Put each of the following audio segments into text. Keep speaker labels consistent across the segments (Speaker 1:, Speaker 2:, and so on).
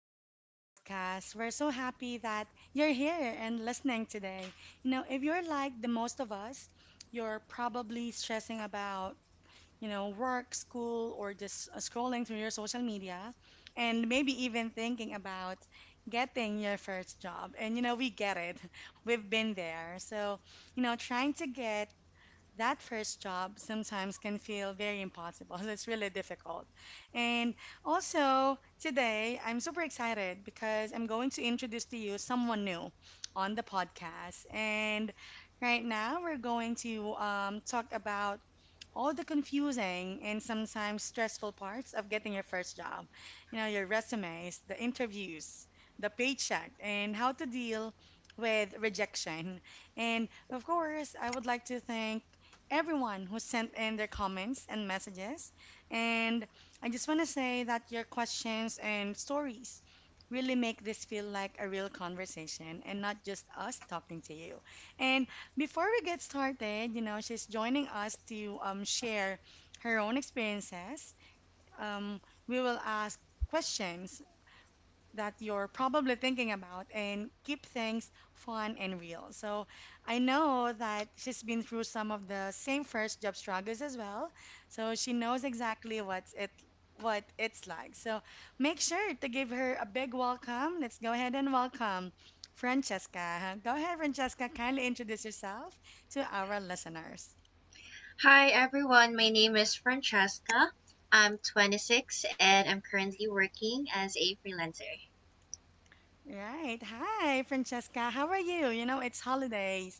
Speaker 1: back to the podcast. We're so happy that you're here and listening today. If you're like the most of us, you're probably stressing about, work, school, or just scrolling through your social media, and maybe even thinking about getting your first job. And, we get it, we've been there. So, trying to get that first job sometimes can feel very impossible. It's really difficult. And also, today I'm super excited because I'm going to introduce to you someone new on the podcast. And right now we're going to talk about all the confusing and sometimes stressful parts of getting your first job. You know, your resumes, the interviews, the paycheck, and how to deal with rejection. And of course, I would like to thank everyone who sent in their comments and messages. And I just want to say that your questions and stories really make this feel like a real conversation and not just us talking to you. And before we get started, you know, she's joining us to share her own experiences. Um, we will ask questions that you're probably thinking about and keep things fun and real. So I know that she's been through some of the same first job struggles as well. So she knows exactly what it's like. So make sure to give her a big welcome. Let's go ahead and welcome Francesca. Go ahead, Francesca, kindly introduce yourself to our listeners.
Speaker 2: Hi everyone, my name is Francesca. I'm 26 and I'm currently working as a freelancer.
Speaker 1: Right. Hi, Francesca. How are you? You know, it's holidays.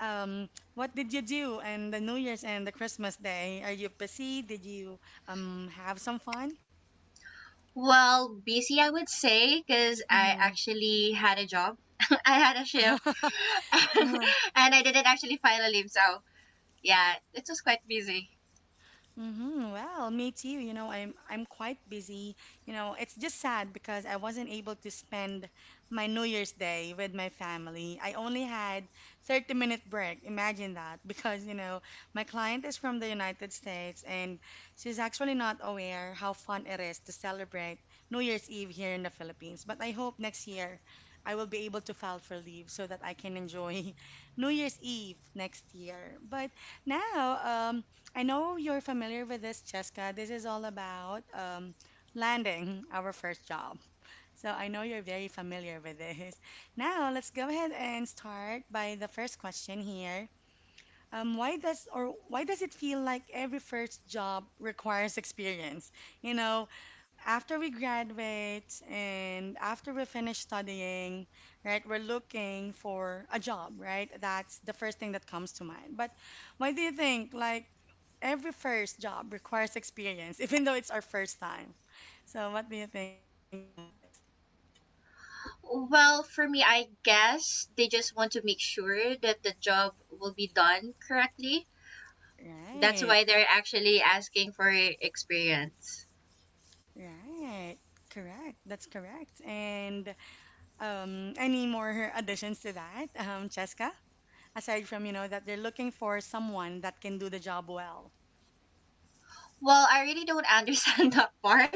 Speaker 1: Um, what did you do in the New Year's and the Christmas Day? Are you busy? Did you have some fun?
Speaker 2: Well, busy I would say because I
Speaker 1: Mm-hmm.
Speaker 2: actually had a job. I had a shift and I didn't actually file a leave, so yeah, it was quite busy.
Speaker 1: Mm-hmm. Well, me too. You know, I'm quite busy. You know, it's just sad because I wasn't able to spend my New Year's Day with my family. I only had 30-minute break. Imagine that because, you know, my client is from the United States and she's actually not aware how fun it is to celebrate New Year's Eve here in the Philippines. But I hope next year I will be able to file for leave so that I can enjoy New Year's Eve next year. But now, I know you're familiar with this, Cheska. This is all about landing our first job. So I know you're very familiar with this. Now, let's go ahead and start by the first question here. Why does or why does it feel like every first job requires experience? You know, after we graduate and after we finish studying, right, we're looking for a job, right? That's the first thing that comes to mind. But why do you think, like, every first job requires experience, even though it's our first time? So, what do you think about this?
Speaker 2: Well, for me, I guess they just want to make sure that the job will be done correctly. That's
Speaker 1: Right,
Speaker 2: why they're actually asking for experience.
Speaker 1: right. Correct. That's correct. And any more additions to that, Cheska? Aside from, you know, that they're looking for someone that can do the job well.
Speaker 2: Well, I really don't understand that part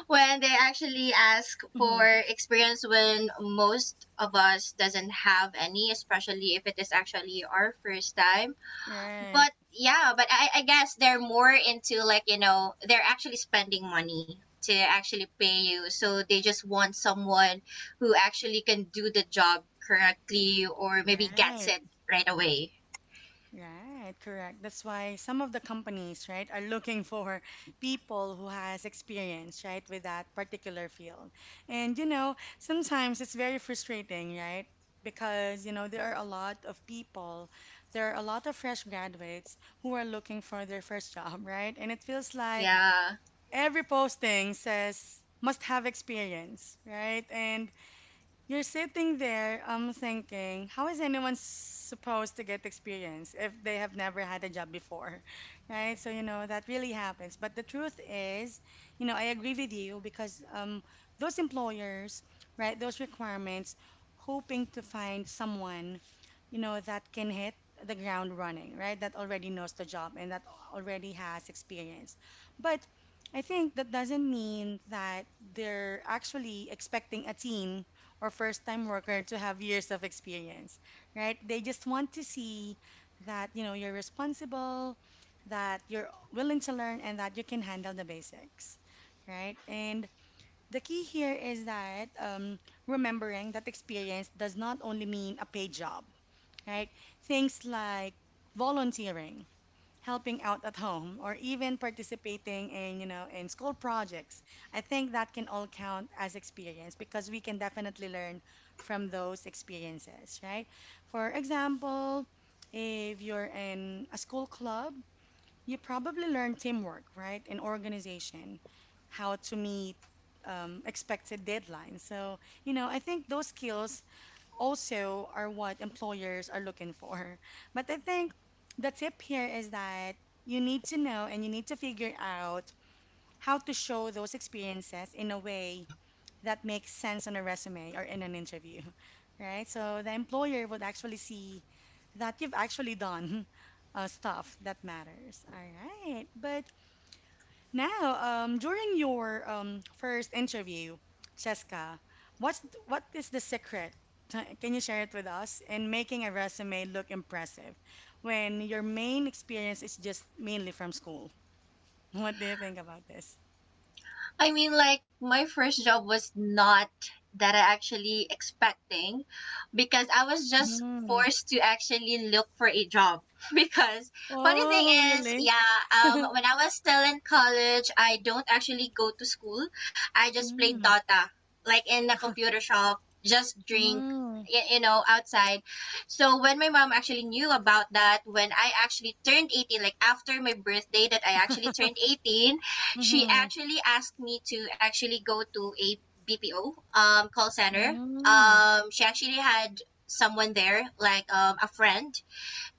Speaker 2: when they actually ask for experience when most of us doesn't have any, especially if it is actually our first time.
Speaker 1: Right,
Speaker 2: But yeah, but I guess they're more into, like, you know, they're actually spending money to actually pay you. So they just want someone who actually can do the job correctly or maybe gets
Speaker 1: right,
Speaker 2: it right away.
Speaker 1: right, correct. That's why some of the companies, right, are looking for people who has experience, right, with that particular field. And you know, sometimes it's very frustrating, right? Because, you know, there are a lot of people, there are a lot of fresh graduates who are looking for their first job, right? And it feels like
Speaker 2: Yeah.
Speaker 1: every posting says must have experience, right? And you're sitting there, thinking, how is anyone supposed to get experience if they have never had a job before, right? So, you know, that really happens. But the truth is, you know, I agree with you because those employers, right, those requirements, hoping to find someone, you know, that can hit the ground running, right, that already knows the job and that already has experience. But I think that doesn't mean that they're actually expecting a team or first time worker to have years of experience, right? They just want to see that, you know, you're responsible, that you're willing to learn, and that you can handle the basics, right? And the key here is that remembering that experience does not only mean a paid job, right? Things like volunteering helping out at home, or even participating in, you know, in school projects. I think that can all count as experience because we can definitely learn from those experiences, right? For example, if you're in a school club, you probably learn teamwork, right? And organization, how to meet expected deadlines. So, you know, I think those skills also are what employers are looking for. But I think the tip here is that you need to know and you need to figure out how to show those experiences in a way that makes sense on a resume or in an interview, right? So the employer would actually see that you've actually done stuff that matters. All right. But now, during your first interview, Cheska, what's what is the secret? Can you share it with us in making a resume look impressive when your main experience is just mainly from school? What do you think about this?
Speaker 2: I mean, like, my first job was not that I actually expecting because I was just
Speaker 1: Mm-hmm.
Speaker 2: forced to actually look for a job. Because funny thing
Speaker 1: Oh,
Speaker 2: is,
Speaker 1: really?
Speaker 2: yeah, when I was still in college, I don't actually go to school. I just played
Speaker 1: Mm-hmm.
Speaker 2: Dota, like in a computer shop, just drink,
Speaker 1: Mm-hmm.
Speaker 2: you know, outside. So when my mom actually knew about that, when I actually turned 18, like after my birthday that I actually turned 18, she actually asked me to actually go to a BPO call center.
Speaker 1: Mm-hmm. Mm-hmm.
Speaker 2: She actually had someone there, like a friend,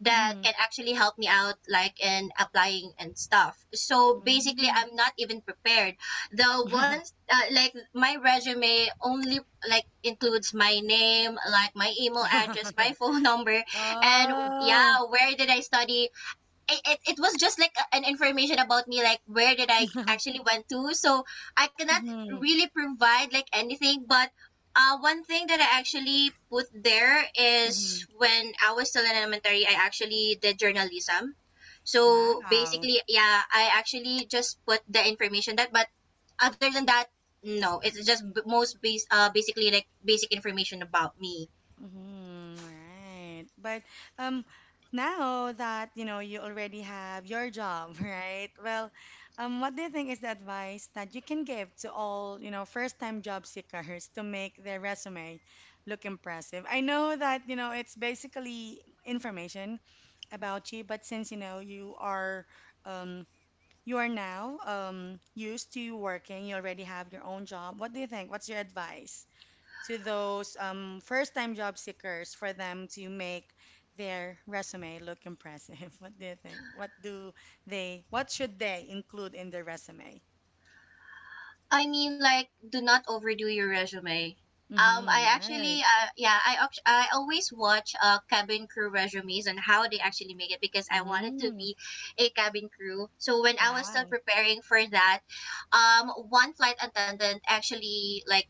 Speaker 2: that can actually help me out, like in applying and stuff. So basically, I'm not even prepared. The ones like my resume only like includes my name, like my email address, my phone number, and
Speaker 1: Oh.
Speaker 2: yeah, where did I study? It was just like an information about me, like where did I actually went to. So I cannot
Speaker 1: Mm-hmm.
Speaker 2: really provide like anything, but one thing that I actually put there
Speaker 1: Mm-hmm.
Speaker 2: is when I was still in elementary I actually did journalism. So
Speaker 1: Wow.
Speaker 2: basically, yeah, I actually just put the information that. But other than that, no, it's just b- most base basically like basic information about me.
Speaker 1: Mhm, right. But um, now that you know you already have your job, right? Well, what do you think is the advice that you can give to all you know first-time job seekers to make their resume look impressive? I know that you know it's basically information about you, but since you know um, you are now used to working, you already have your own job. What do you think? What's your advice? To those first time job seekers for them to make their resume look impressive? What do you think? What should they include in their resume?
Speaker 2: I mean, like, do not overdo your resume. I
Speaker 1: Mm-hmm,
Speaker 2: actually,
Speaker 1: right.
Speaker 2: yeah, I always watch cabin crew resumes and how they actually make it because I wanted to
Speaker 1: Mm,
Speaker 2: be a cabin crew. So when I was still
Speaker 1: wow.
Speaker 2: preparing for that, one flight attendant actually, like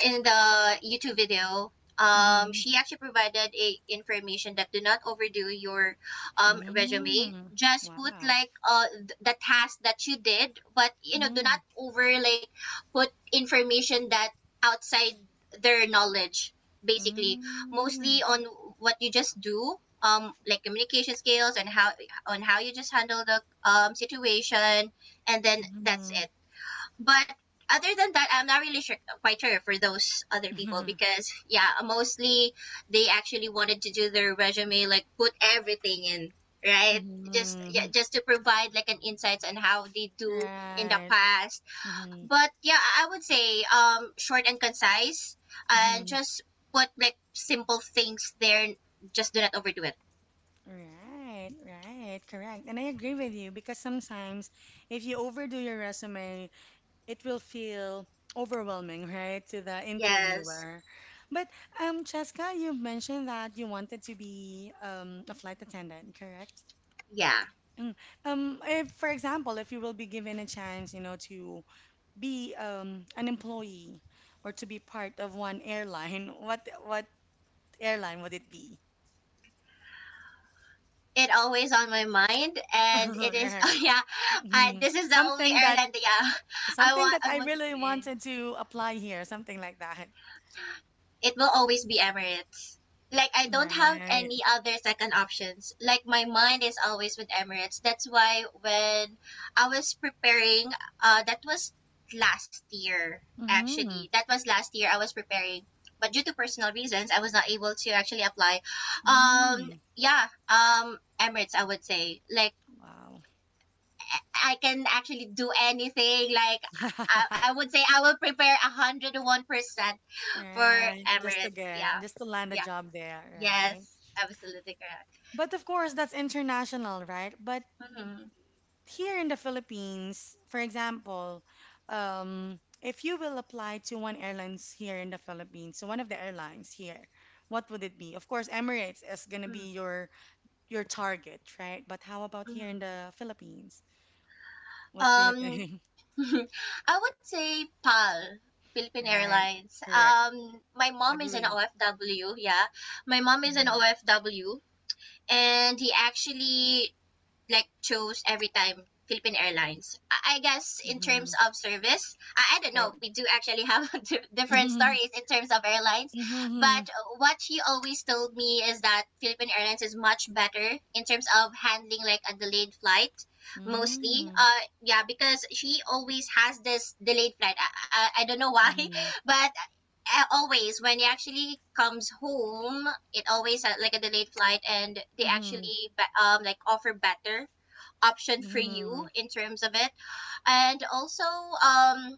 Speaker 2: in the YouTube video,
Speaker 1: Mm-hmm.
Speaker 2: she actually provided a information that do not overdo your resume.
Speaker 1: Mm,
Speaker 2: Just put
Speaker 1: wow.
Speaker 2: like the task that you did, but you know, do not
Speaker 1: Mm,
Speaker 2: over like put information that outside their knowledge. Basically,
Speaker 1: mm,
Speaker 2: mostly on what you just do, like communication skills and how on how you just handle the situation, and then that's
Speaker 1: mm,
Speaker 2: it. But other than that, I'm not really sure, quite sure for those other people because yeah, mostly they actually wanted to do their resume like put everything in, right? Just yeah,
Speaker 1: mm,
Speaker 2: just to provide like an insights on how they do in the
Speaker 1: right.
Speaker 2: past.
Speaker 1: Mm-hmm,
Speaker 2: But yeah, I would say short and concise and just put like simple things there. Just do not overdo it.
Speaker 1: right, correct. And I agree with you because sometimes if you overdo your resume, it will feel overwhelming, right, to the
Speaker 2: Yes.
Speaker 1: interviewer. But Cheska, you mentioned that you wanted to be a flight attendant, correct?
Speaker 2: Yeah.
Speaker 1: Mm. If, for example, if you will be given a chance, you know, to be an employee or to be part of one airline, what airline would it be?
Speaker 2: It always on my mind and it is
Speaker 1: Right.
Speaker 2: oh yeah, I,
Speaker 1: Mhm.
Speaker 2: this is the only airline that yeah I
Speaker 1: Something
Speaker 2: want
Speaker 1: that
Speaker 2: I
Speaker 1: I
Speaker 2: want to be
Speaker 1: really
Speaker 2: in.
Speaker 1: wanted to apply here, something like that.
Speaker 2: It will always be Emirates. Like I don't have
Speaker 1: Right.
Speaker 2: any other second options. Like my mind is always with Emirates. That's why when I was preparing, that was last year, actually
Speaker 1: Mm-hmm.
Speaker 2: that was last year I was preparing, but due to personal reasons I was not able to actually apply. um
Speaker 1: Mm.
Speaker 2: yeah, Emirates I would say, like
Speaker 1: Wow.
Speaker 2: I can actually do anything. Like I would say I will prepare 101% for
Speaker 1: Right.
Speaker 2: Emirates. Yeah,
Speaker 1: Just to land a
Speaker 2: yeah,
Speaker 1: job there, right?
Speaker 2: yes, absolutely correct.
Speaker 1: But of course, that's international, right? But
Speaker 2: Mm-hmm.
Speaker 1: here in the Philippines, for example, if you will apply to one airlines here in the Philippines, so one of the airlines here, what would it be? Of course, Emirates is gonna
Speaker 2: Mm-hmm.
Speaker 1: be your target, right? But how about here in the Philippines? What do you
Speaker 2: Mm-hmm.
Speaker 1: think?
Speaker 2: I would say PAL. Philippine
Speaker 1: Right.
Speaker 2: Airlines.
Speaker 1: Correct.
Speaker 2: My mom is an
Speaker 1: Agree.
Speaker 2: OFW. Yeah, my mom is an
Speaker 1: Mm-hmm.
Speaker 2: OFW, and he actually like chose every time Philippine Airlines. I guess in terms
Speaker 1: Mm-hmm.
Speaker 2: of service, I don't
Speaker 1: Right.
Speaker 2: know. We do actually have different
Speaker 1: Mm-hmm.
Speaker 2: stories in terms of airlines,
Speaker 1: Mm-hmm.
Speaker 2: but what she always told me is that Philippine Airlines is much better in terms of handling like a delayed flight, mostly
Speaker 1: Mm-hmm.
Speaker 2: yeah, because she always has this delayed flight. I don't know why
Speaker 1: Mm-hmm.
Speaker 2: but always when he actually comes home it always like a delayed flight, and they
Speaker 1: Mm-hmm.
Speaker 2: actually like offer better option for you
Speaker 1: Mm-hmm.
Speaker 2: in terms of it. And also,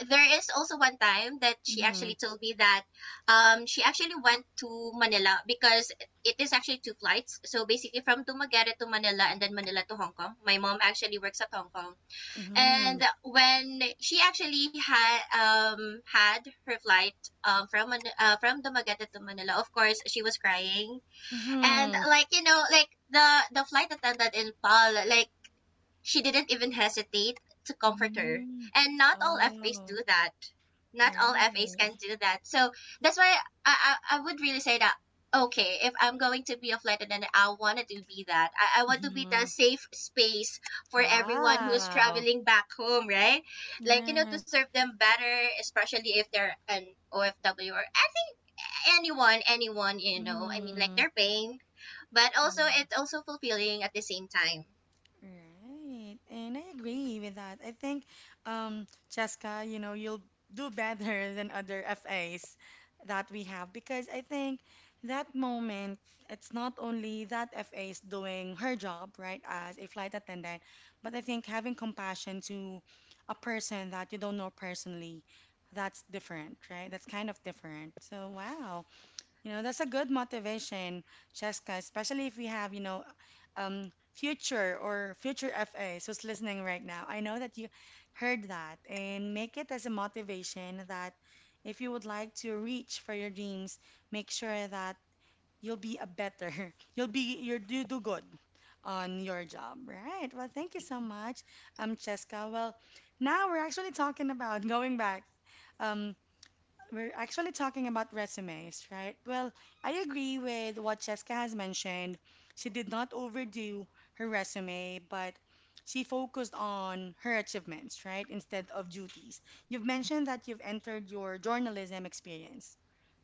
Speaker 2: there is also one time that she actually
Speaker 1: Mm-hmm.
Speaker 2: told me that she actually went to Manila because it is actually two flights. So basically, from Dumaguete to Manila and then Manila to Hong Kong. My mom actually works at Hong Kong,
Speaker 1: Mm-hmm.
Speaker 2: and when she actually had had her flight from from Dumaguete to Manila, of course she was crying, and like you know, like the flight attendant in Paul, like she didn't even hesitate to comfort her.
Speaker 1: Mm-hmm.
Speaker 2: And not all FAs do
Speaker 1: Oh,
Speaker 2: that. Not all FAs can
Speaker 1: right.
Speaker 2: do that. So that's why I would really say that, okay, if I'm going to be a flight attendant, I wanted to be that. I want to be the
Speaker 1: Mm-hmm.
Speaker 2: safe space for everyone who's
Speaker 1: Wow.
Speaker 2: traveling back home, right? Like, you know, to
Speaker 1: Right.
Speaker 2: serve them better, especially if they're an OFW, or I think anyone, anyone, you know, I mean, like
Speaker 1: Mm-hmm.
Speaker 2: they're paying, but also it's also fulfilling at the same time.
Speaker 1: Right. And I agree with that. I think, Cheska, you know, you'll do better than other FAs that we have because I think that moment, it's not only that FA is doing her job, right, as a flight attendant, but I think having compassion to a person that you don't know personally, that's different, right? That's kind of different. So, wow. You know, that's a good motivation, Cheska, especially if we have, you know, future FAs who's listening right now. I know that you heard that and make it as a motivation that if you would like to reach for your dreams, make sure that you'll be a better, you do good on your job, right? Well, thank you so much, Cheska. Well, now we're actually talking about going back. Um, we're actually talking about resumes, right? Well, I agree with what Cheska has mentioned. She did not overdo her resume, but she focused on her achievements, right? Instead of duties. You've mentioned that you've entered your journalism experience,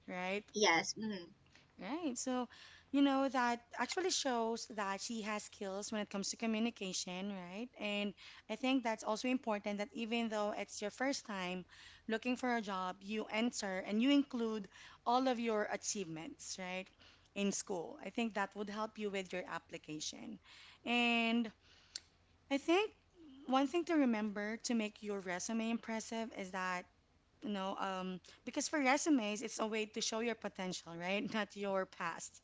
Speaker 1: right?
Speaker 2: Yes. Mhm.
Speaker 1: Right. So, you know, that actually shows that she has skills when it comes to communication, right? And I think that's also important that even though it's your first time looking for a job, you enter and you include all of your achievements, right? In school. I think that would help you with your application. And I think one thing to remember to make your resume impressive is that, you know, because for resumes, it's a way to show your potential, right? Not your past.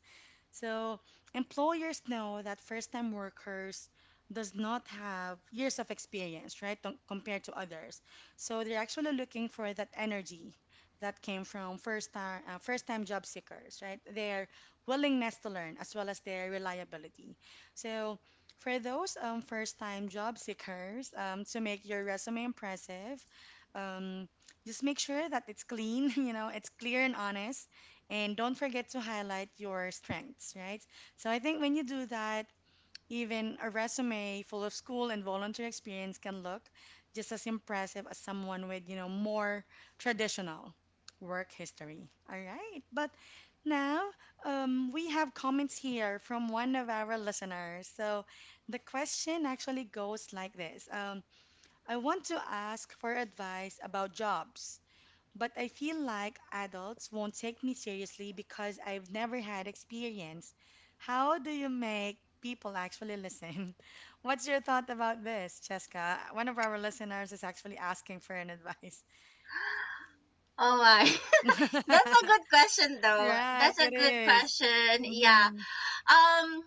Speaker 1: So employers know that first-time workers does not have years of experience, right, compared to others. So they're actually looking for that energy that came from first-time first-time job seekers, right? Their willingness to learn as well as their reliability. So for those first-time job seekers, to make your resume impressive, um, just make sure that it's clean, it's clear and honest and don't forget to highlight your strengths, right? So I think when you do that, even a resume full of school and volunteer experience can look just as impressive as someone with, more traditional work history. All right. But now we have comments here from one of our listeners. So the question actually goes like this. I want to ask for advice about jobs but I feel like adults won't take me seriously because I've never had experience. How do you make people actually listen? What's your thought about this, Cheska? One of our listeners is actually asking for an advice.
Speaker 2: Oh my. That's a good question though.
Speaker 1: Right,
Speaker 2: That's a
Speaker 1: it
Speaker 2: good
Speaker 1: is.
Speaker 2: question. Yeah.
Speaker 1: Mm-hmm.
Speaker 2: Um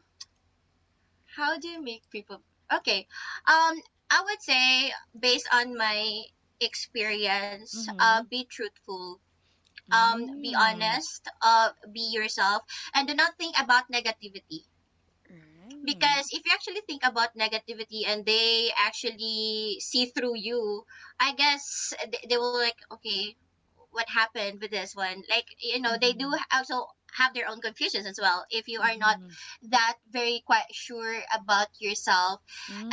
Speaker 2: how do you make people. Okay. Um I would say, based on my experience,
Speaker 1: Mm-hmm.
Speaker 2: be truthful. Be
Speaker 1: Mm.
Speaker 2: honest, be yourself, and do not think about negativity,
Speaker 1: Right.
Speaker 2: because if you actually think about negativity and they actually see through you, I guess they will like, okay, what happened with this one, like you know, they do
Speaker 1: Mm-hmm.
Speaker 2: also have their own confusions as well if you are not
Speaker 1: Mm-hmm.
Speaker 2: that very quite sure about yourself.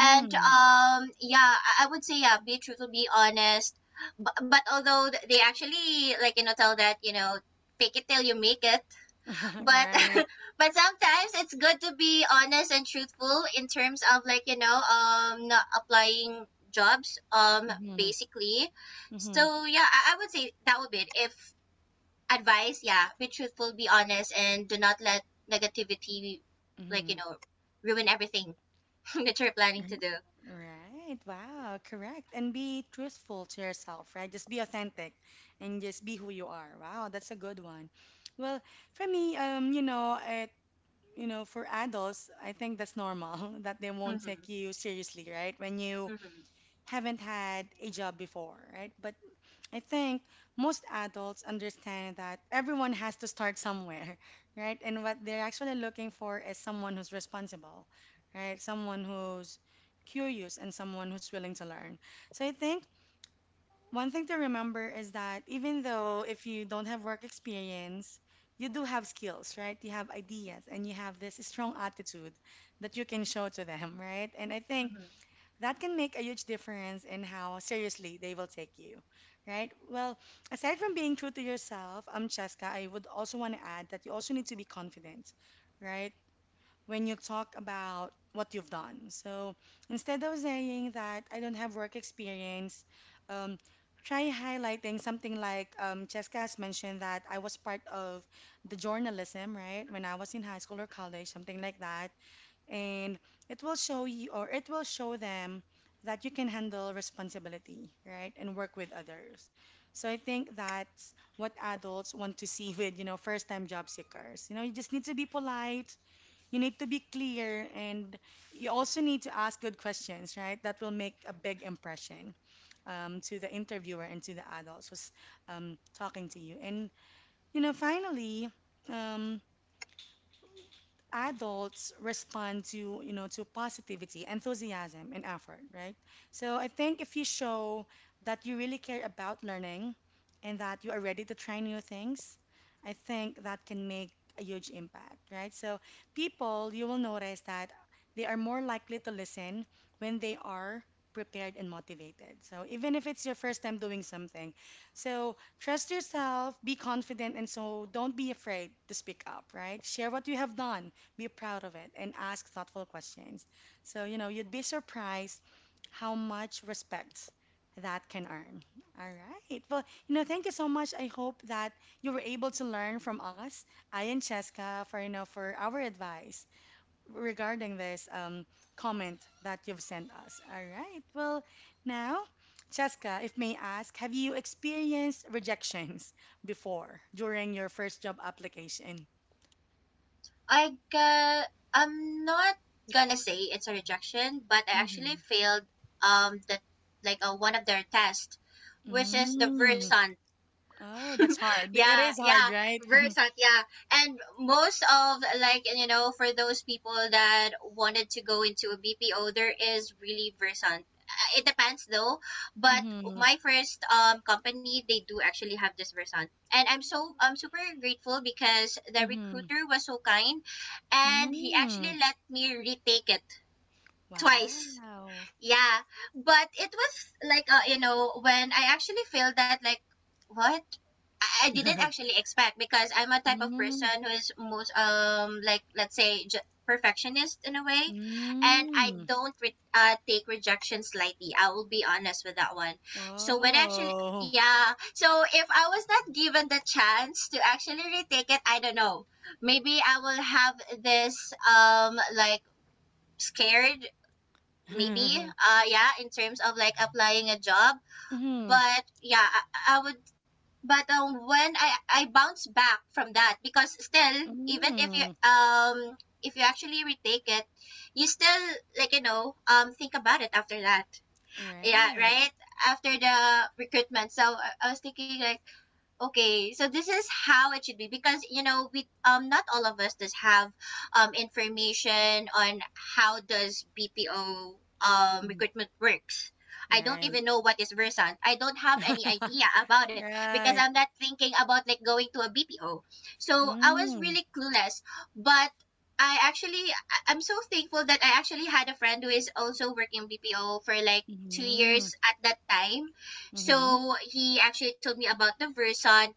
Speaker 2: And yeah, I would say yeah, be truthful, be honest, but although they actually, like you know, tell that you know, fake it till you make it, but
Speaker 1: Right.
Speaker 2: but sometimes it's good to be honest and truthful in terms of like you know not applying jobs
Speaker 1: Mm-hmm.
Speaker 2: basically.
Speaker 1: Mm-hmm.
Speaker 2: So yeah, I would say that would be it, if advice, yeah, be truthful, be honest, and do not let negativity like you
Speaker 1: Mm-hmm.
Speaker 2: know ruin everything that you're planning to
Speaker 1: Mhm.
Speaker 2: do.
Speaker 1: Right. Wow. Correct. And be truthful to yourself, right? Just be authentic and just be who you are. Wow, that's a good one. Well, for me, for adults, I think that's normal that they won't
Speaker 2: Mm-hmm,
Speaker 1: take you seriously, right? When you
Speaker 2: mm-hmm, mm-hmm.
Speaker 1: haven't had a job before, right? But I think most adults understand that everyone has to start somewhere, right? And what they're actually looking for is someone who's responsible, right? Someone who's curious and someone who's willing to learn. So I think one thing to remember is that even though if you don't have work experience, you do have skills, right? You have ideas and you have this strong attitude that you can show to them, right? And I think that can make a huge difference in how seriously they will take you, right? Well, aside from being true to yourself, Cheska, I would also want to add that you also need to be confident, right? When you talk about what you've done. So instead of saying that I don't have work experience, um, try highlighting something like Cheska has mentioned that I was part of the journalism, right? When I was in high school or college, something like that and it will show you or it will show them that you can handle responsibility, right? And work with others. So I think that's what adults want to see with, first-time job seekers. You know, you just need to be polite, you need to be clear, and you also need to ask good questions, right? That will make a big impression to the interviewer and to the adults who's talking to you. And, you know, finally, um, adults respond to to positivity, enthusiasm, and effort, right? So I think if you show that you really care about learning and that you are ready to try new things, I think that can make a huge impact, right? So people, you will notice that they are more likely to listen when they are prepared and motivated. So even if it's your first time doing something, so trust yourself, be confident, and so don't be afraid to speak up, right? Share what you have done, be proud of it, and ask thoughtful questions. So, you know, you'd be surprised how much respect that can earn. All right. Well, you know, thank you so much. I hope that you were able to learn from us, I and Cheska, for, you know, for our advice regarding this comment that you've sent us. All right. Well, now, Cheska, if may ask, have you experienced rejections before during your first job application?
Speaker 2: I got, I'm not gonna say it's a rejection, but I actually
Speaker 1: Mm-hmm.
Speaker 2: failed the like one of their tests, which is the
Speaker 1: Mm.
Speaker 2: Versant.
Speaker 1: Oh, that's hard. It
Speaker 2: Yeah,
Speaker 1: is
Speaker 2: yeah,
Speaker 1: hard, right?
Speaker 2: Versant, yeah. And most of like you know for those people that wanted to go into a BPO, there is really Versant. It depends though, but
Speaker 1: Mm-hmm.
Speaker 2: my first company they do actually have this Versant, and I'm super grateful because the
Speaker 1: Mm-hmm.
Speaker 2: recruiter was so kind, and he actually
Speaker 1: Mm.
Speaker 2: let me retake it twice.
Speaker 1: Wow.
Speaker 2: Yeah, but it was like you know when I actually feel that like what I didn't actually expect, because I'm a type of
Speaker 1: Mm.
Speaker 2: person who is most like let's say perfectionist in a way, and I
Speaker 1: Mm.
Speaker 2: don't take rejections lightly. I will be honest with that one. So when actually
Speaker 1: Wow.
Speaker 2: yeah, so if I was not given the chance to actually retake it, I don't know. Maybe I will have this like scared maybe yeah in terms of like applying a job,
Speaker 1: Mm-hmm.
Speaker 2: but yeah I would, but when I bounce back from that because still even
Speaker 1: Mm.
Speaker 2: um if you actually retake it you still like you know think about it after that, yeah
Speaker 1: Right.
Speaker 2: right after the recruitment. So I was thinking like, okay, so this is how it should be because you know we not all of us does have information on how does BPO
Speaker 1: Mm.
Speaker 2: recruitment works. I don't
Speaker 1: Right.
Speaker 2: even know what is Versant. I don't have any idea about it because
Speaker 1: Right.
Speaker 2: I'm not thinking about like going to a BPO. So I was
Speaker 1: Mm.
Speaker 2: really clueless, but I actually I'm so thankful that I actually had a friend who is also working BPO for like 2
Speaker 1: Mm-hmm.
Speaker 2: years at that time.
Speaker 1: Mm-hmm.
Speaker 2: So he actually told me about the versant,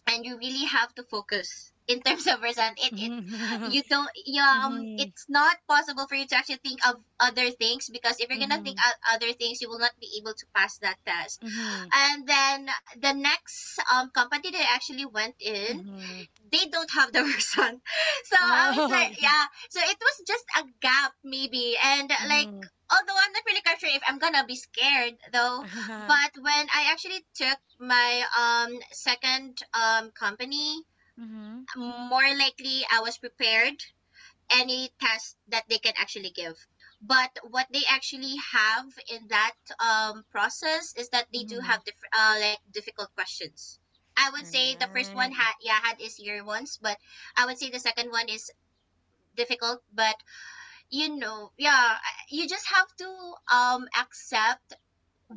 Speaker 2: and you really have to focus in terms of person, it
Speaker 1: Mm-hmm.
Speaker 2: you don't you,
Speaker 1: Mm-hmm.
Speaker 2: it's not possible for you to actually think of other things, because if you're gonna think
Speaker 1: Mm-hmm.
Speaker 2: of other things you will not be able to pass that test.
Speaker 1: Mm-hmm.
Speaker 2: And then the next company that I actually went in,
Speaker 1: Mm-hmm.
Speaker 2: they don't have the person. So I was
Speaker 1: Oh.
Speaker 2: like, yeah. So it was just a gap maybe. And like,
Speaker 1: Mm-hmm.
Speaker 2: although I'm not really quite sure if I'm gonna be scared though, but when I actually took my second company,
Speaker 1: Mm-hmm.
Speaker 2: more likely I was prepared any test that they can actually give. But what they actually have in that process is that they do
Speaker 1: Mm-hmm.
Speaker 2: have like difficult questions. I would say the first one
Speaker 1: Right.
Speaker 2: had yeah had is easier ones, but I would say the second one is difficult. But yeah, you just have to accept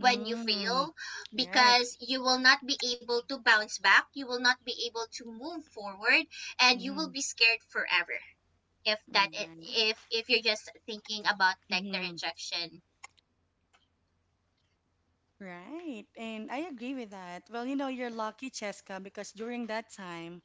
Speaker 2: when you fail,
Speaker 1: Right.
Speaker 2: because you will not be able to bounce back. You will not be able to move forward, and you will
Speaker 1: Mm-hmm.
Speaker 2: be scared forever if
Speaker 1: Right.
Speaker 2: that I- if you're just thinking about like the
Speaker 1: Mm-hmm.
Speaker 2: rejection.
Speaker 1: Right. And I agree with that. Well, you know, you're lucky, Cheska, because during that time,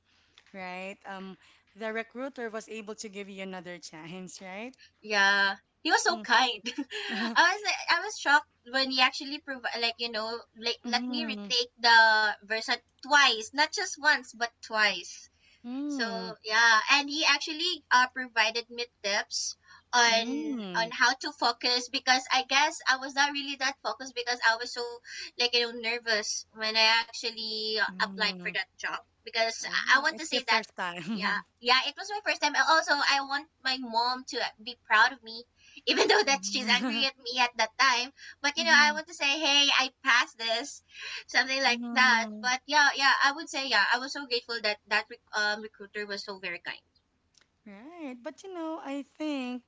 Speaker 1: right, the recruiter was able to give you another chance, right?
Speaker 2: Yeah, he was so
Speaker 1: Mm-hmm.
Speaker 2: kind. i was like i was shocked when he actually provided like let me
Speaker 1: Mm-hmm.
Speaker 2: retake the verse twice, not just once but twice. So
Speaker 1: Mm.
Speaker 2: yeah, and he actually provided me tips on on
Speaker 1: Mm.
Speaker 2: how to focus because I guess I was not really that focused because I was so nervous when I actually applied for
Speaker 1: Mm.
Speaker 2: that job, because I
Speaker 1: Oh,
Speaker 2: want to
Speaker 1: it's your
Speaker 2: say that,
Speaker 1: first
Speaker 2: yeah,
Speaker 1: time.
Speaker 2: yeah, it was my first time, and also I want my mom to be proud of me even though that she's
Speaker 1: Mm-hmm.
Speaker 2: angry at me at that time, but I
Speaker 1: Mm-hmm.
Speaker 2: want to say, hey, I passed this, something like that.
Speaker 1: Mm-hmm.
Speaker 2: But yeah, yeah, I would say, yeah, I was so grateful that recruiter was so very kind.
Speaker 1: Right. But you know, I think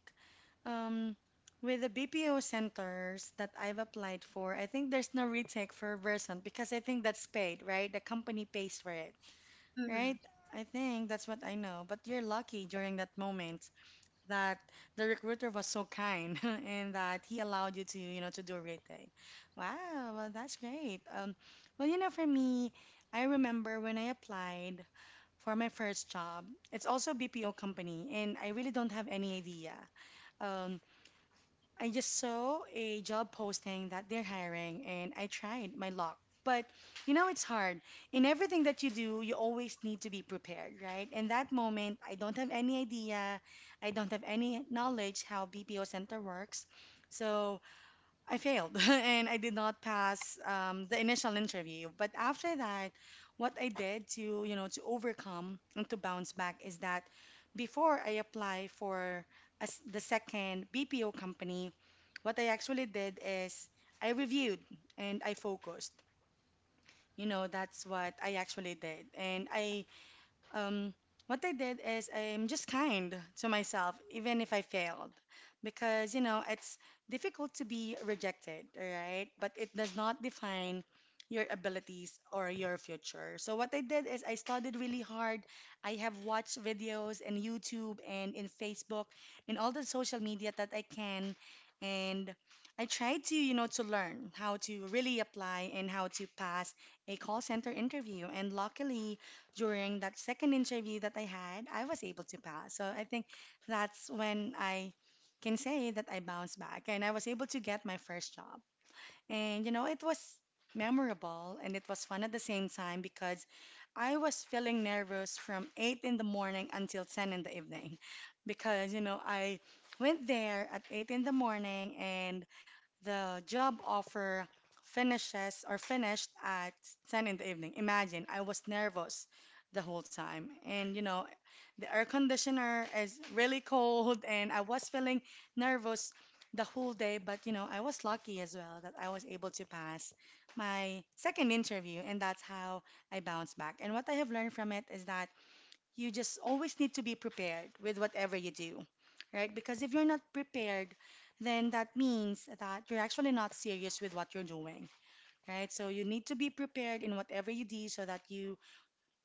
Speaker 1: Um, with the BPO centers that I've applied for, I think there's no retake for Versant because I think that's paid, right? The company pays for it,
Speaker 2: Mm-hmm.
Speaker 1: right? I think that's what I know. But you're lucky during that moment that the recruiter was so kind and that he allowed you to, you know, to do a retake. Wow, well, that's great. Well, you know, for me, I remember when I applied for my first job. It's also a BPO company, and I really don't have any idea. Um, I just saw a job posting that they're hiring and I tried my luck. But you know, it's hard. In everything that you do, you always need to be prepared, right? In that moment, I don't have any idea. I don't have any knowledge how BPO center works. So I failed and I did not pass the initial interview. But after that, what I did to, you know, to overcome and to bounce back is that before I apply for a s the second BPO company, what I actually did is I reviewed and I focused. You know, that's what I actually did. And I um, what I did is I'm just kind to myself, even if I failed, because you know it's difficult to be rejected, right? But it does not define your abilities or your future. So what I did is I studied really hard. I have watched videos in YouTube and in Facebook, in all the social media that I can, and I tried to, you know, to learn how to really apply and how to pass a call center interview. And luckily, during that second interview that I had, I was able to pass. So I think that's when I can say that I bounced back and I was able to get my first job. And you know, it was memorable and it was fun at the same time because I was feeling nervous from 8 in the morning until 10 in the evening because you know, I went there at 8 in the morning and the job offer finishes or finished at 10 in the evening. Imagine, I was nervous the whole time. And you know, the air conditioner is really cold and I was feeling nervous the whole day, but you know, I was lucky as well that I was able to pass my second interview and that's how I bounced back. And what I have learned from it is that you just always need to be prepared with whatever you do, right? Because if you're not prepared, then that means that you're actually not serious with what you're doing, right? So you need to be prepared in whatever you do so that you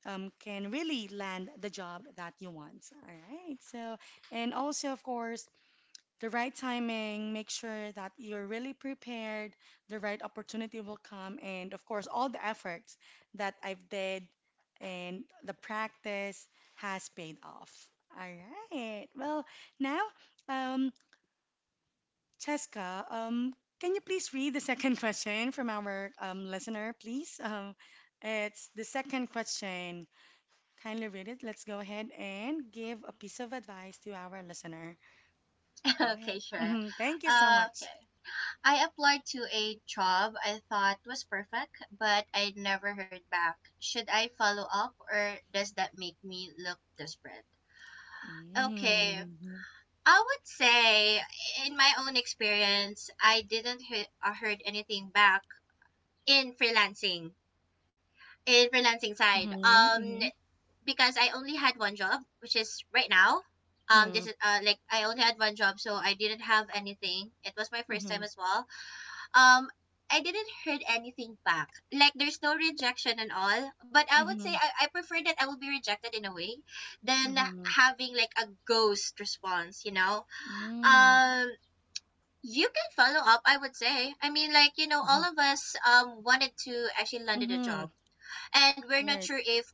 Speaker 1: can really land the job that you want, all right? So, and also, of course, the right timing, make sure that you're really prepared, the right opportunity will come, and of course, all the efforts that I've did and the practice has paid off. All right. Well, now, um, Cheska, can you please read the second question from our listener, please? It's the second question. Kindly read it. Let's go ahead and give a piece of advice to our listener. Go ahead.
Speaker 2: Okay, sure.
Speaker 1: Mhm. Thank you so much.
Speaker 2: Okay, I applied to a job I thought was perfect, but I never heard back. Should I follow up, or does that make me look desperate? Okay.
Speaker 1: Mm.
Speaker 2: I would say, in my own experience, I didn't heard anything back in freelancing, in freelancing side.
Speaker 1: Mhm. Mhm.
Speaker 2: Because I only had one job, which is right now. This
Speaker 1: Mhm.
Speaker 2: is like I only had one job, so I didn't have anything. It was my first time
Speaker 1: Mhm.
Speaker 2: as well. Um, I didn't heard anything back. Like, there's no rejection and all, but I would say
Speaker 1: Mhm.
Speaker 2: I prefer that I will be rejected in a way than
Speaker 1: Mhm.
Speaker 2: having like a ghost response.
Speaker 1: Mm.
Speaker 2: Um, you can follow up, I would say. I mean, like, all
Speaker 1: Mhm.
Speaker 2: of us wanted to actually landed a
Speaker 1: Mhm.
Speaker 2: job, and we're not
Speaker 1: Right.
Speaker 2: sure if,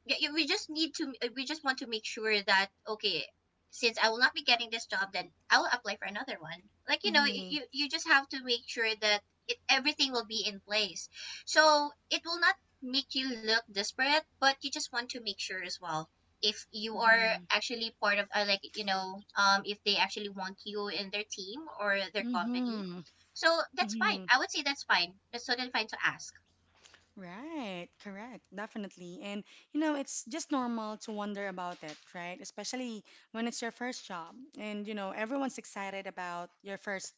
Speaker 2: yeah, yeah, we just want to make sure that, okay, since I will not be getting this job, then I will apply for another one like you know
Speaker 1: Mhm.
Speaker 2: you just have to make sure that everything will be in place, so it will not make you look desperate, but you just want to make sure as well if you are
Speaker 1: Mhm.
Speaker 2: actually part of if they actually want you in their team or their company.
Speaker 1: Mhm.
Speaker 2: So that's fine,
Speaker 1: Mhm.
Speaker 2: I would say. That's fine, that's totally fine to ask.
Speaker 1: Right, correct, definitely. And you know, it's just normal to wonder about it, right? Especially when it's your first job. And you know, everyone's excited about your first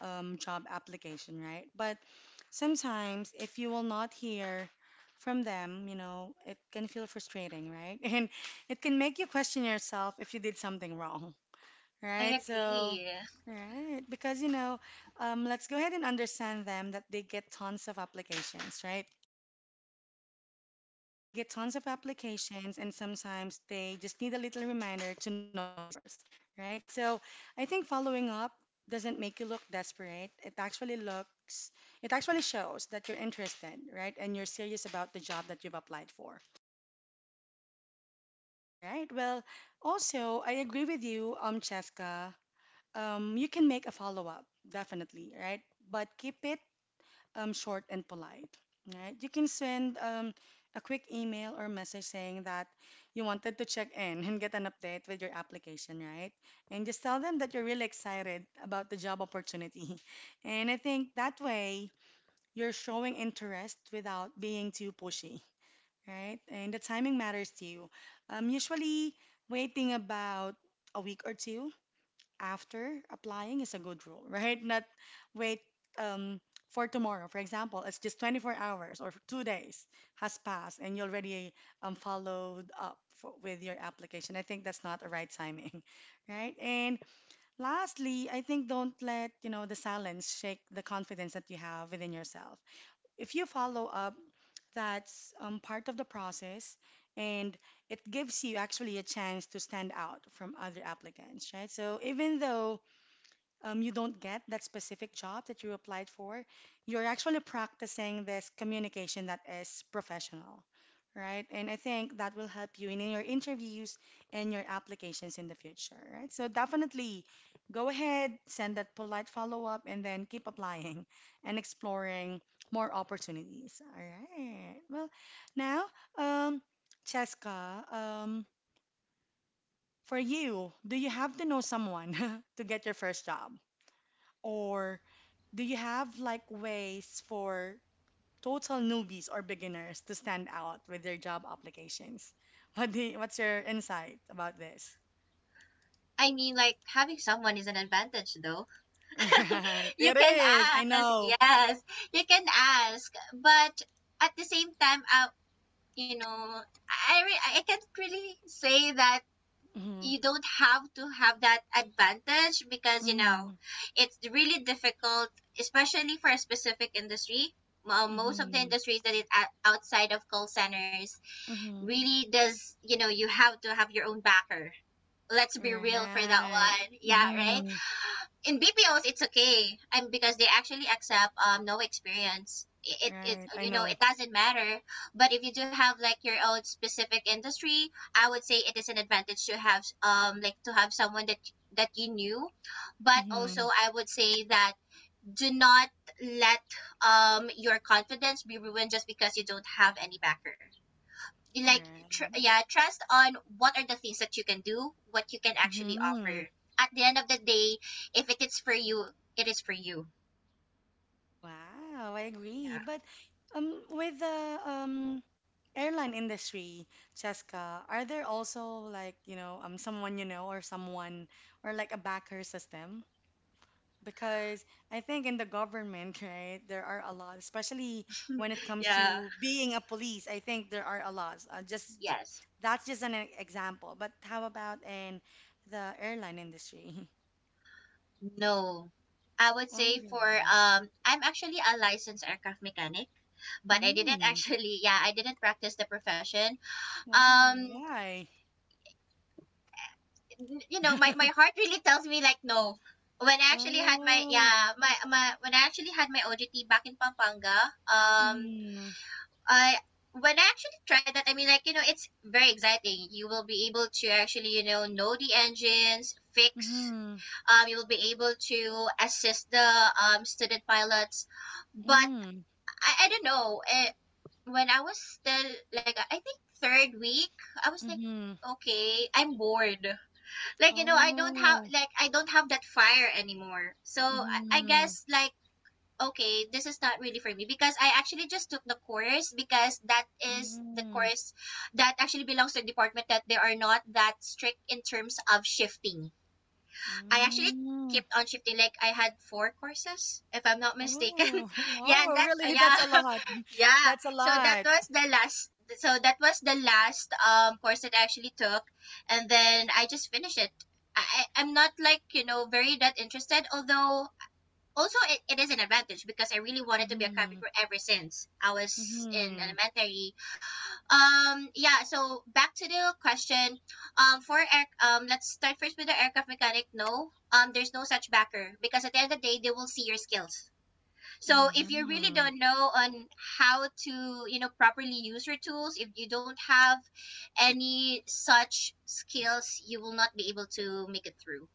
Speaker 1: job application, right? But sometimes if you will not hear from them, you know, it can feel frustrating, right? And it can make you question yourself if you did something wrong,
Speaker 2: I
Speaker 1: right? So,
Speaker 2: agree.
Speaker 1: right, because you know, let's go ahead and understand them that they get tons of applications, right? They get tons of applications, and sometimes they just need a little reminder to notice yours, right? So I think following up doesn't make you look desperate. It actually looks, it actually shows that you're interested, right? And you're serious about the job that you've applied for, right? Well, also, I agree with you, Cheska. You can make a follow up, definitely, right? But keep it short and polite. Right? You can send a quick email or message saying that you wanted to check in and get an update with your application, right? And just tell them that you're really excited about the job opportunity. And I think that way you're showing interest without being too pushy, right? And the timing matters to you. Usually waiting about a week or two after applying is a good rule, right? Not wait um, for tomorrow. For example, it's just 24 hours or 2 days has passed and you already followed up with your application. I think that's not the right timing, right? And lastly, I think don't let, you know, the silence shake the confidence that you have within yourself. If you follow up, that's part of the process and it gives you actually a chance to stand out from other applicants, right? So even though you don't get that specific job that you applied for, you're actually practicing this communication that is professional, right? And I think that will help you in your interviews and your applications in the future, right? So definitely go ahead, send that polite follow up, and then keep applying and exploring more opportunities. All right. Well, now, um, Cheska, for you, do you have to know someone to get your first job? Or do you have like ways for total newbies or beginners to stand out with their job applications? What's your insight about this?
Speaker 2: I mean, like, having someone is an advantage, though.
Speaker 1: Right.
Speaker 2: You
Speaker 1: It
Speaker 2: can
Speaker 1: is. I
Speaker 2: ask,
Speaker 1: know.
Speaker 2: yes, you can ask, but at the same time, you know, I can't really say that
Speaker 1: Mhm.
Speaker 2: you don't have to have that advantage, because
Speaker 1: Mhm.
Speaker 2: it's really difficult, especially for a specific industry. Well, most of the
Speaker 1: Mhm.
Speaker 2: industries that is outside of call centers
Speaker 1: Mhm.
Speaker 2: really does, you have to have your own backer. Let's be real for that
Speaker 1: Right.
Speaker 2: one. Yeah, right?
Speaker 1: Mhm.
Speaker 2: In BPOs it's okay. I Because they actually accept no experience. It
Speaker 1: Right. I know.
Speaker 2: it doesn't matter. But if you do have like your own specific industry, I would say it is an advantage to have someone that that you knew. But also
Speaker 1: Mhm.
Speaker 2: I would say that do not let your confidence be ruined just because you don't have any backer, like,
Speaker 1: Right.
Speaker 2: yeah, trust on what are the things that you can do, what you can actually
Speaker 1: Mhm.
Speaker 2: offer. At the end of the day, if it is for you, it is for you.
Speaker 1: Wow, I agree.
Speaker 2: Yeah
Speaker 1: But with the airline industry, Cheska, are there also like, you know, someone you know or someone or like a backer system? Because I think in the government, right, there are a lot, especially when it comes
Speaker 2: yeah.
Speaker 1: to being a police. I think there are a lot.
Speaker 2: Yes.
Speaker 1: That's just an example. But how about in the airline industry?
Speaker 2: No, I would
Speaker 1: Oh,
Speaker 2: say
Speaker 1: really?
Speaker 2: for, I'm actually a licensed aircraft mechanic, but I didn't,
Speaker 1: Mm,
Speaker 2: actually, yeah, I didn't practice the profession.
Speaker 1: wow.
Speaker 2: um
Speaker 1: Why?
Speaker 2: you know my, my heart really tells me like, no. When I actually had my
Speaker 1: Oh.
Speaker 2: yeah my when I actually had my OJT back in Pampanga. Um
Speaker 1: Mhm.
Speaker 2: I When I actually tried that, I mean, like, it's very exciting. You will be able to actually, know the engines, fix.
Speaker 1: Mhm.
Speaker 2: You will be able to assist the student pilots, but
Speaker 1: Mm.
Speaker 2: I don't know. When I was still like, I think, third week, I was like,
Speaker 1: Mhm.
Speaker 2: okay, I'm bored. Like, I don't have,
Speaker 1: Oh.
Speaker 2: like I don't have that fire anymore. So I
Speaker 1: Mhm.
Speaker 2: guess, like, okay, this is not really for me, because I actually just took the course because that is the
Speaker 1: Mm.
Speaker 2: course that actually belongs to a department that they are not that strict in terms of shifting. I actually
Speaker 1: Mm.
Speaker 2: kept on shifting, like I had four courses if I'm not mistaken.
Speaker 1: Oh.
Speaker 2: Yeah, and
Speaker 1: Wow.
Speaker 2: that,
Speaker 1: Really? That's a
Speaker 2: yeah.
Speaker 1: lot.
Speaker 2: Yeah.
Speaker 1: That's a
Speaker 2: So that
Speaker 1: lot.
Speaker 2: was the last so that was the last course that I actually took, and then I just finished it. I'm not like, very that interested, although also it is an advantage because I really wanted to be a
Speaker 1: Mhm.
Speaker 2: carpenter ever since I was in
Speaker 1: Mhm.
Speaker 2: elementary. Yeah, so back to the question. For air let's start first with the aircraft mechanic. No, there's no such backer, because at the end of the day, they will see your skills. So if you really
Speaker 1: Mhm.
Speaker 2: don't know on how to properly use your tools, if you don't have any such skills, you will not be able to make it through.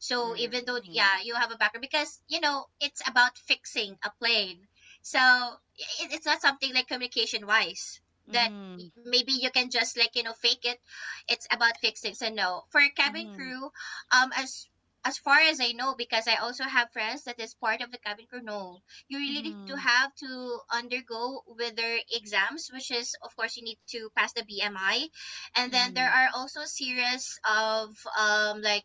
Speaker 2: So even though,
Speaker 1: Right.
Speaker 2: yeah, you have a background because it's about fixing a plane. So it's not something like communication wise that
Speaker 1: Mhm.
Speaker 2: maybe you can just fake it. It's about fixing. So no, for cabin
Speaker 1: Mhm.
Speaker 2: crew, um as as far as I know, because I also have friends that is part of the cabin crew. No, you really need to
Speaker 1: Mhm.
Speaker 2: have to undergo whether exams, which is of course you need to pass the BMI, and then there
Speaker 1: Mhm.
Speaker 2: are also series of um like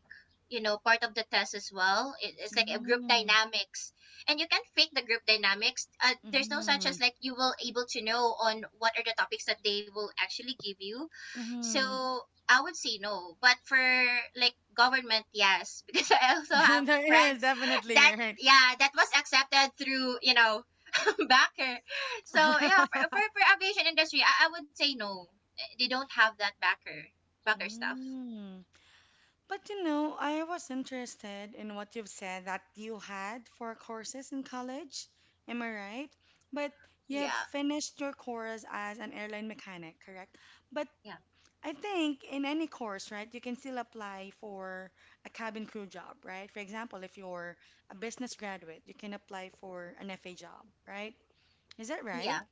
Speaker 2: part of the test as well. It's like a group
Speaker 1: Mhm.
Speaker 2: dynamics, and you can fake the group dynamics. There's no such as
Speaker 1: Mhm.
Speaker 2: like you will able to know on what are the topics that they will actually give you. So
Speaker 1: Mhm.
Speaker 2: I would say no, but for, like, government, yes, because I also have
Speaker 1: There is
Speaker 2: friends
Speaker 1: definitely
Speaker 2: that
Speaker 1: you're right.
Speaker 2: yeah that was accepted through, backer. So yeah, for, for, for aviation industry, I would say no, they don't have that backer stuff.
Speaker 1: Mm. But you know, I was interested in what you've said that you had four courses in college. Am I right? But you have
Speaker 2: Yeah.
Speaker 1: finished your course as an airline mechanic, correct? But
Speaker 2: Yeah.
Speaker 1: I think in any course, right, you can still apply for a cabin crew job, right? For example, if you're a business graduate, you can apply for an FA job, right? Is that
Speaker 2: Yeah.
Speaker 1: right?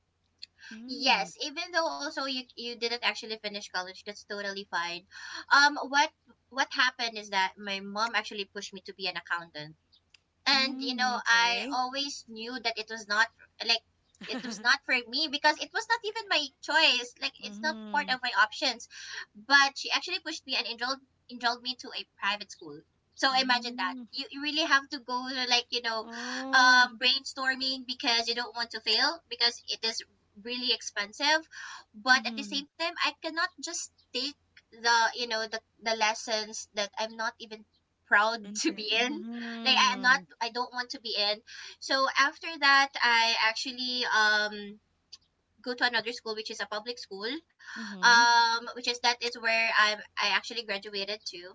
Speaker 1: Mm,
Speaker 2: Yes, even though also you didn't actually finish college, that's totally fine. Um, what what happened is that my mom actually pushed me to be an accountant, and
Speaker 1: mm,
Speaker 2: I
Speaker 1: okay.
Speaker 2: always knew that it like it was not for me because it was not even my choice, like, it's not part of
Speaker 1: Mm-hmm.
Speaker 2: my options, but she actually pushed me and enrolled me to a private school. So imagine that
Speaker 1: Mm.
Speaker 2: you really have to go to, like,
Speaker 1: Oh.
Speaker 2: brainstorming, because you don't want to fail because it is really expensive, but at the
Speaker 1: Mm-hmm.
Speaker 2: same time I cannot just take the you know the lessons that I'm not even proud to
Speaker 1: Inter-
Speaker 2: be in, like
Speaker 1: mhm.
Speaker 2: I don't want to be in. So after that, I actually go to another school, which is a public school,
Speaker 1: Mhm.
Speaker 2: which is that is where I actually graduated to.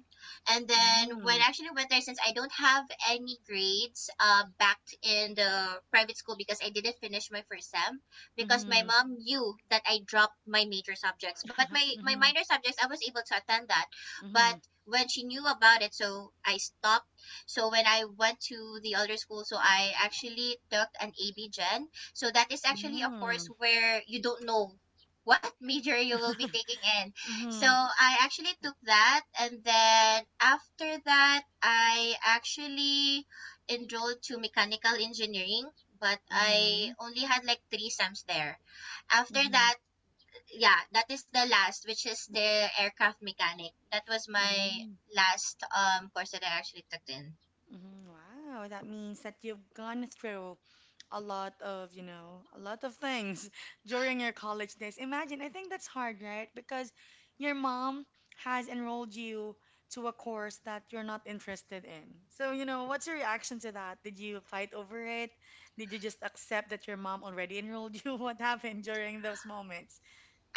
Speaker 2: And then
Speaker 1: Mhm.
Speaker 2: when I actually went there, since I don't have any grades, back in the private school, because I didn't finish my first sem, because my
Speaker 1: Mhm.
Speaker 2: mom knew that I dropped my major subjects, but my
Speaker 1: Mhm.
Speaker 2: minor subjects I was able to attend that. But
Speaker 1: Mhm.
Speaker 2: when she knew about it, so I stopped. So when I went to the other school, so I actually took an AB Gen. So that is
Speaker 1: Mhm.
Speaker 2: actually a course
Speaker 1: Mhm.
Speaker 2: where you don't know what major you will be taking in. So
Speaker 1: Mhm.
Speaker 2: I actually took that, and then after that, I actually enrolled to mechanical engineering, but I
Speaker 1: Mhm.
Speaker 2: only had like three SEMs there. After
Speaker 1: Mhm.
Speaker 2: that, yeah, that is the last, which is the aircraft mechanic. That was my
Speaker 1: Mhm.
Speaker 2: last course that I actually took in.
Speaker 1: Wow, that means that you've gone through a lot of, you know, a lot of things during your college days. Imagine, I think that's hard, right? Because your mom has enrolled you to a course that you're not interested in. So, you know, what's your reaction to that? Did you fight over it? Did you just accept that your mom already enrolled you? What happened during those moments?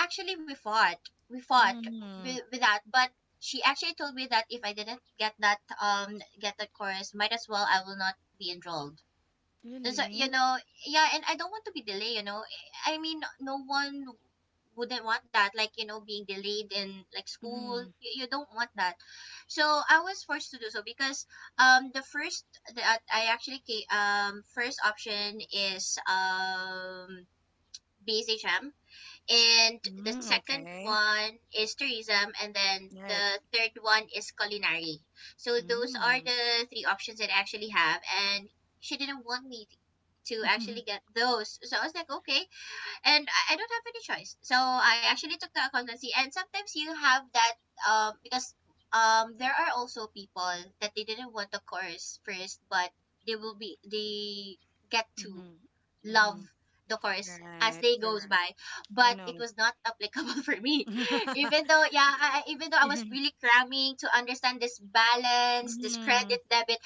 Speaker 2: Actually, we fought. We fought
Speaker 1: Mm,
Speaker 2: with that, but she actually told me that if I didn't get that course, might as well I will not be enrolled. So
Speaker 1: really?
Speaker 2: yeah, and I don't want to be delayed. No one wouldn't want that. Being delayed in like school,
Speaker 1: Mm,
Speaker 2: you don't want that. So I was forced to do so because the first that I actually ca- first option is BSHM, and the
Speaker 1: mm,
Speaker 2: second
Speaker 1: okay.
Speaker 2: one is tourism, and then
Speaker 1: Right.
Speaker 2: the third one is culinary. So those are
Speaker 1: Mm.
Speaker 2: the three options that I actually have, and she didn't want me to actually get those. So I was like, okay, and I don't have any choice. So I actually took the accountancy, and sometimes you have that because there are also people that they didn't want the course first, but they will be they get to
Speaker 1: Mm-hmm.
Speaker 2: love
Speaker 1: Mm-hmm.
Speaker 2: the course as
Speaker 1: Right,
Speaker 2: day goes
Speaker 1: correct.
Speaker 2: by,
Speaker 1: I
Speaker 2: but it
Speaker 1: know.
Speaker 2: was not applicable for me. Even though yeah, even though I was really cramming to understand this balance, this
Speaker 1: Mhm.
Speaker 2: credit debit,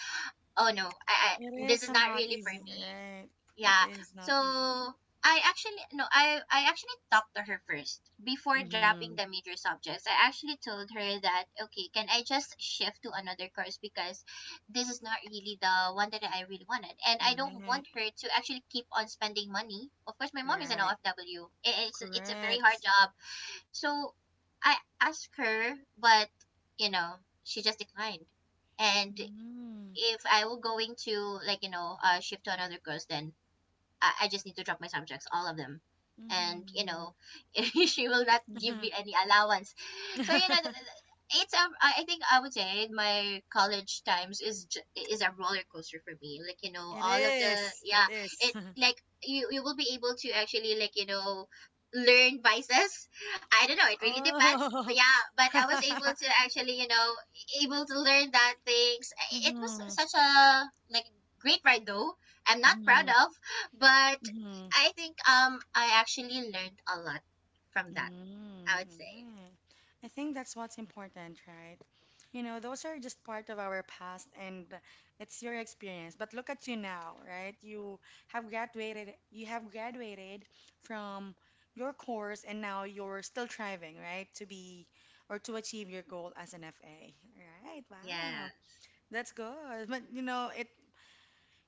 Speaker 2: oh no,
Speaker 1: It
Speaker 2: this
Speaker 1: is
Speaker 2: is not
Speaker 1: not
Speaker 2: really for
Speaker 1: easy,
Speaker 2: me.
Speaker 1: right? It
Speaker 2: Yeah.
Speaker 1: is not
Speaker 2: So
Speaker 1: easy.
Speaker 2: I actually no, I actually talked to her first before dropping
Speaker 1: Mm-hmm.
Speaker 2: the major subjects. I actually told her that okay, can I just shift to another course because this is not really the one that I really wanted, and I don't
Speaker 1: Right.
Speaker 2: want her to actually keep on spending money. Of course, my mom is an
Speaker 1: Right.
Speaker 2: OFW. It's a very
Speaker 1: Correct.
Speaker 2: hard job. So I asked her, but you know, she just declined. And
Speaker 1: Mm-hmm.
Speaker 2: if I were going to shift to another course, then I just need to drop my subjects, all of them. And, she will not give me
Speaker 1: Mm-hmm.
Speaker 2: any allowance. So, you know, th- th- it's I think I would say my college times is is a roller coaster for me.
Speaker 1: It
Speaker 2: All of the
Speaker 1: is. It
Speaker 2: yeah,
Speaker 1: is.
Speaker 2: it like you will be able to actually learn vices. I don't know. It really depends. But
Speaker 1: Oh.
Speaker 2: yeah, but I was able to actually able to learn that things. It was
Speaker 1: Mm-hmm.
Speaker 2: such a like great ride though. I'm not proud
Speaker 1: Mm-hmm.
Speaker 2: of. But
Speaker 1: Mm-hmm.
Speaker 2: I think I actually learned a lot from that, I
Speaker 1: Mm,
Speaker 2: would say.
Speaker 1: yeah. I think that's what's important, right? You know, those are just part of our past and it's your experience. But look at you now, right? You have graduated from your course and now you're still striving, right? To be or to achieve your goal as an FA. Right.
Speaker 2: Yeah.
Speaker 1: Wow. That's good. But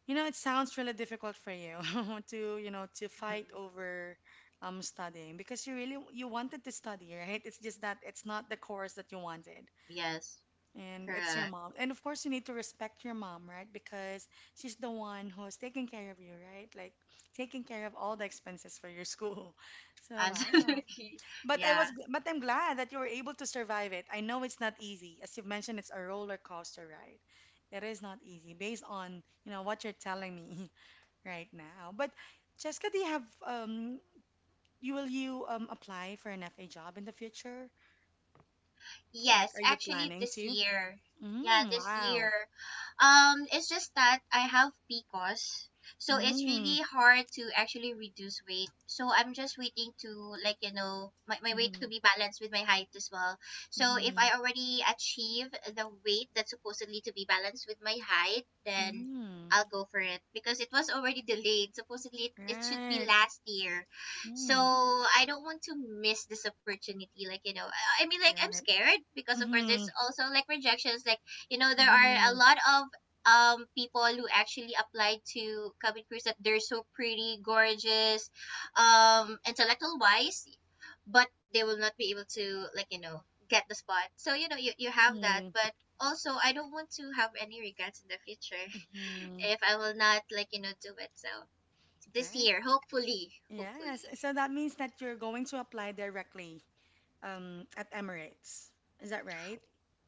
Speaker 1: you know, it sounds really difficult for you to, you know, to fight
Speaker 2: Mm,
Speaker 1: over studying because you wanted to study, right? It's just that it's not the course that you wanted.
Speaker 2: yes,
Speaker 1: And it's your
Speaker 2: correct.
Speaker 1: mom. And of course you need to respect your mom, right? Because she's the one who's taking care of you, right? Like taking care of all the expenses for your school. So wow.
Speaker 2: Absolutely. Yeah.
Speaker 1: But I'm glad that you were able to survive it. I know it's not easy. As you've mentioned, it's a roller coaster ride. It is not easy based on, you know, what you're telling me. right now. But Jessica, do you have you will you apply for an FA job in the future? Like,
Speaker 2: Yes,
Speaker 1: are you
Speaker 2: actually
Speaker 1: planning
Speaker 2: this
Speaker 1: to?
Speaker 2: year. Yeah,
Speaker 1: Mm,
Speaker 2: this year.
Speaker 1: wow.
Speaker 2: It's just that I have PCOS, so it's
Speaker 1: Mm,
Speaker 2: really hard to actually reduce weight. So I'm just waiting to my weight to
Speaker 1: mm,
Speaker 2: be balanced with my height as well. So if
Speaker 1: mm,
Speaker 2: I already achieve the weight that's supposedly to be balanced with my height, then
Speaker 1: mm,
Speaker 2: I'll go for it because it was already delayed. Supposedly it should be
Speaker 1: right.
Speaker 2: last year, so
Speaker 1: Mm,
Speaker 2: I don't want to miss this opportunity. Like, like, I'm
Speaker 1: right.
Speaker 2: scared because, of course, there's
Speaker 1: Mm,
Speaker 2: also like rejections. Like, there are a
Speaker 1: mm,
Speaker 2: lot of people who actually applied to cabin crews that they're so pretty, gorgeous, intellectual wise, but they will not be able to, get the spot. So, you have that.
Speaker 1: mm,
Speaker 2: But also, I don't want to have any regrets in the future
Speaker 1: mm,
Speaker 2: if I will not, do it. So this
Speaker 1: right.
Speaker 2: year, hopefully,
Speaker 1: Yes.
Speaker 2: hopefully.
Speaker 1: So that means that you're going to apply directly at Emirates. Is that right?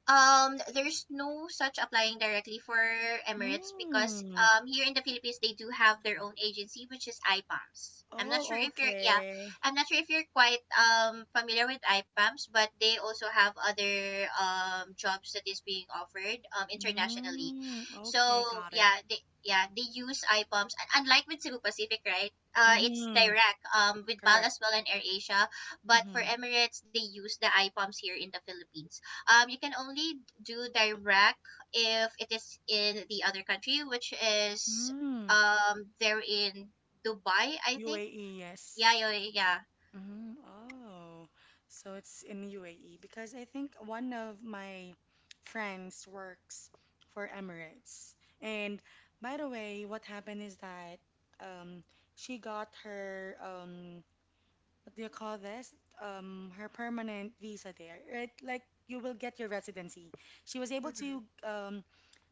Speaker 2: There's no such applying directly for Emirates because
Speaker 1: Mm.
Speaker 2: here in the Philippines they do have their own agency which is IPAMS. I'm not sure
Speaker 1: Oh,
Speaker 2: if you're yeah,
Speaker 1: okay.
Speaker 2: I'm not sure if you're quite familiar with IPAMS, but they also have other jobs that is being offered internationally.
Speaker 1: Mm, okay,
Speaker 2: So
Speaker 1: got it.
Speaker 2: yeah, they yeah they use IPAMS, and unlike with Cebu Pacific, right? It's
Speaker 1: Mm-hmm.
Speaker 2: direct with PAL
Speaker 1: Correct.
Speaker 2: as well and AirAsia, but for
Speaker 1: Mm-hmm.
Speaker 2: Emirates they use the IPAMS here in the Philippines. You can only do direct if it is in the other country, which is
Speaker 1: Mm.
Speaker 2: they're in Dubai, I think.
Speaker 1: UAE, yes.
Speaker 2: Yeah, yeah, yeah.
Speaker 1: Mm, oh, so it's in UAE because I think one of my friends works for Emirates. And by the way, what happened is that um, she got her what do you call this? Her permanent visa there. Right? Like you will get your residency. She was able to
Speaker 2: Hmm.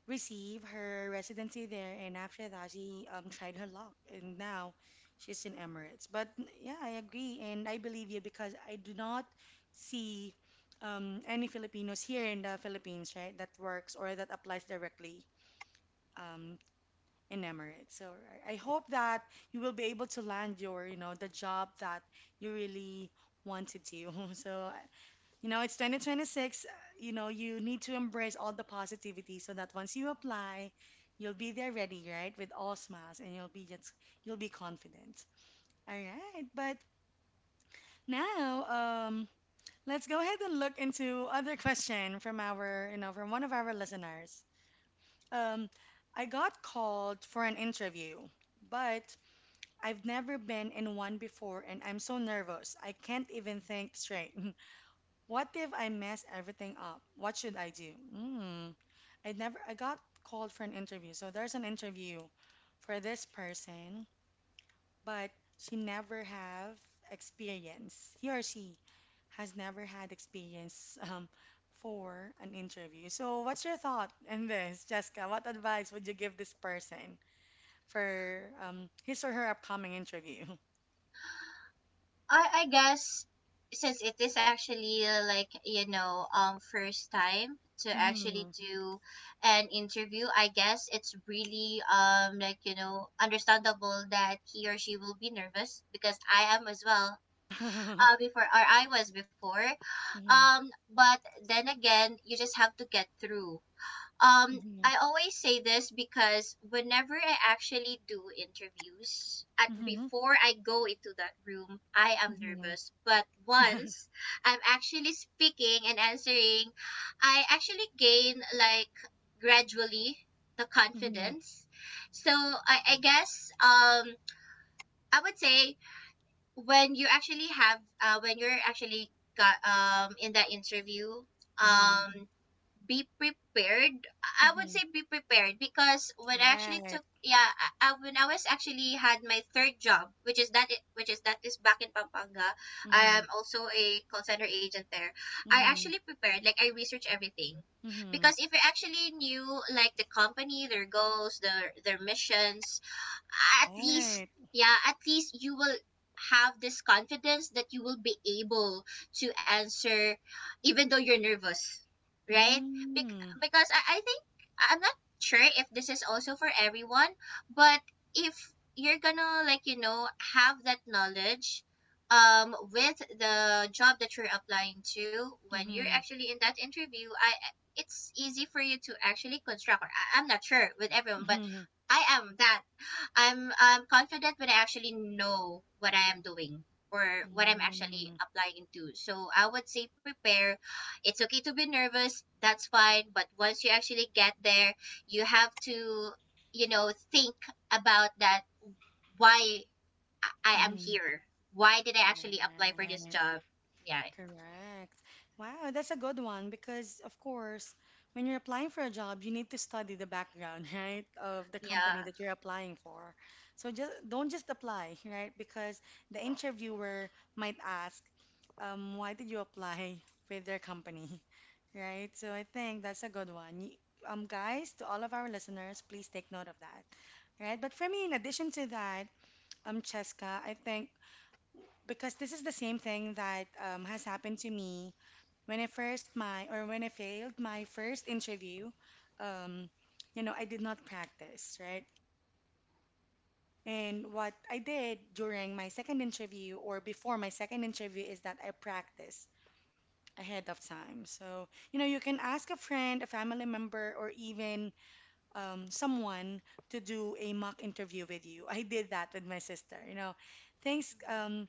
Speaker 1: receive her residency there, and after that, she tried her luck, and now she's in Emirates. Yeah, I agree, and I believe you because I do not see any Filipinos here in the Philippines, right, that works or that applies directly um, in Emirates. So I hope that you will be able to land your, you know, the job that you really wanted to. So you know, it's 2026. You know, you need to embrace all the positivity so that once you apply, you'll be there ready, right? With all smiles and you'll be confident. All right. But now, um, let's go ahead and look into other question from our, you know, from one of our listeners. Um, I got called for an interview, but I've never been in one before and I'm so nervous. I can't even think straight. What if I mess everything up? What should I do? Mm, I never, I got called for an interview. So there's an interview for this person, but she never have she has never had experience for an interview. So what's your thought in this, Jessica? What advice would you give this person for his or her upcoming interview?
Speaker 2: I guess since it is actually first time to actually do an interview, I guess it's really understandable that he or she will be nervous because I am as well
Speaker 1: Mm-hmm.
Speaker 2: before or I was before. But then again, you just have to get through.
Speaker 1: Mm-hmm.
Speaker 2: I always say this because whenever I actually do interviews, at
Speaker 1: Mm-hmm.
Speaker 2: before I go into that room, I am
Speaker 1: Mm-hmm.
Speaker 2: nervous. But
Speaker 1: Mm-hmm.
Speaker 2: once I'm actually speaking and answering, I actually gain like gradually the confidence. So I guess I would say when you actually have when you're actually got in that interview,
Speaker 1: Mhm.
Speaker 2: um be prepared. I would
Speaker 1: Mhm.
Speaker 2: say be prepared because when I actually
Speaker 1: Right.
Speaker 2: took yeah when I was actually had my third job which is back in Pampanga. I am
Speaker 1: Mhm.
Speaker 2: also a call center agent there. I actually
Speaker 1: Mhm.
Speaker 2: prepared, like I researched everything because
Speaker 1: Mhm.
Speaker 2: if you actually knew like the company, their goals, their missions, at least
Speaker 1: Right.
Speaker 2: yeah at least you will have this confidence that you will be able to answer even though you're nervous, right?
Speaker 1: Mm.
Speaker 2: Because I think I'm not sure if this is also for everyone, but if you're gonna have that knowledge with the job that you're applying to when you're
Speaker 1: Mhm.
Speaker 2: actually in that interview, I it's easy for you to actually construct. Or I'm not sure with everyone, but
Speaker 1: Mhm.
Speaker 2: I am that I'm confident when I actually know what I am doing or what I'm actually
Speaker 1: Mm.
Speaker 2: applying into. So I would say prepare. It's okay to be nervous. That's fine. But once you actually get there, you have to, you know, think about that why I am
Speaker 1: Mhm.
Speaker 2: here. Why did I actually apply for this
Speaker 1: Right.
Speaker 2: job? Yeah.
Speaker 1: Correct. Wow, that's a good one because, of course, when you're applying for a job, you need to study the background, right, of the company
Speaker 2: Yeah.
Speaker 1: that you're applying for. So just don't just apply, right? Because the interviewer might ask, why did you apply with their company, right? So I think that's a good one. Y- guys, to all of our listeners, please take note of that, right? But for me, in addition to that, Cheska, I think because this is the same thing that has happened to me when I first my or when I failed my first interview, um, you know, I did not practice, right? And what I did during my second interview or before my second interview is that I practice ahead of time. So, you know, you can ask a friend, a family member, or even someone to do a mock interview with you. I did that with my sister. You know, thanks.
Speaker 2: Mhm.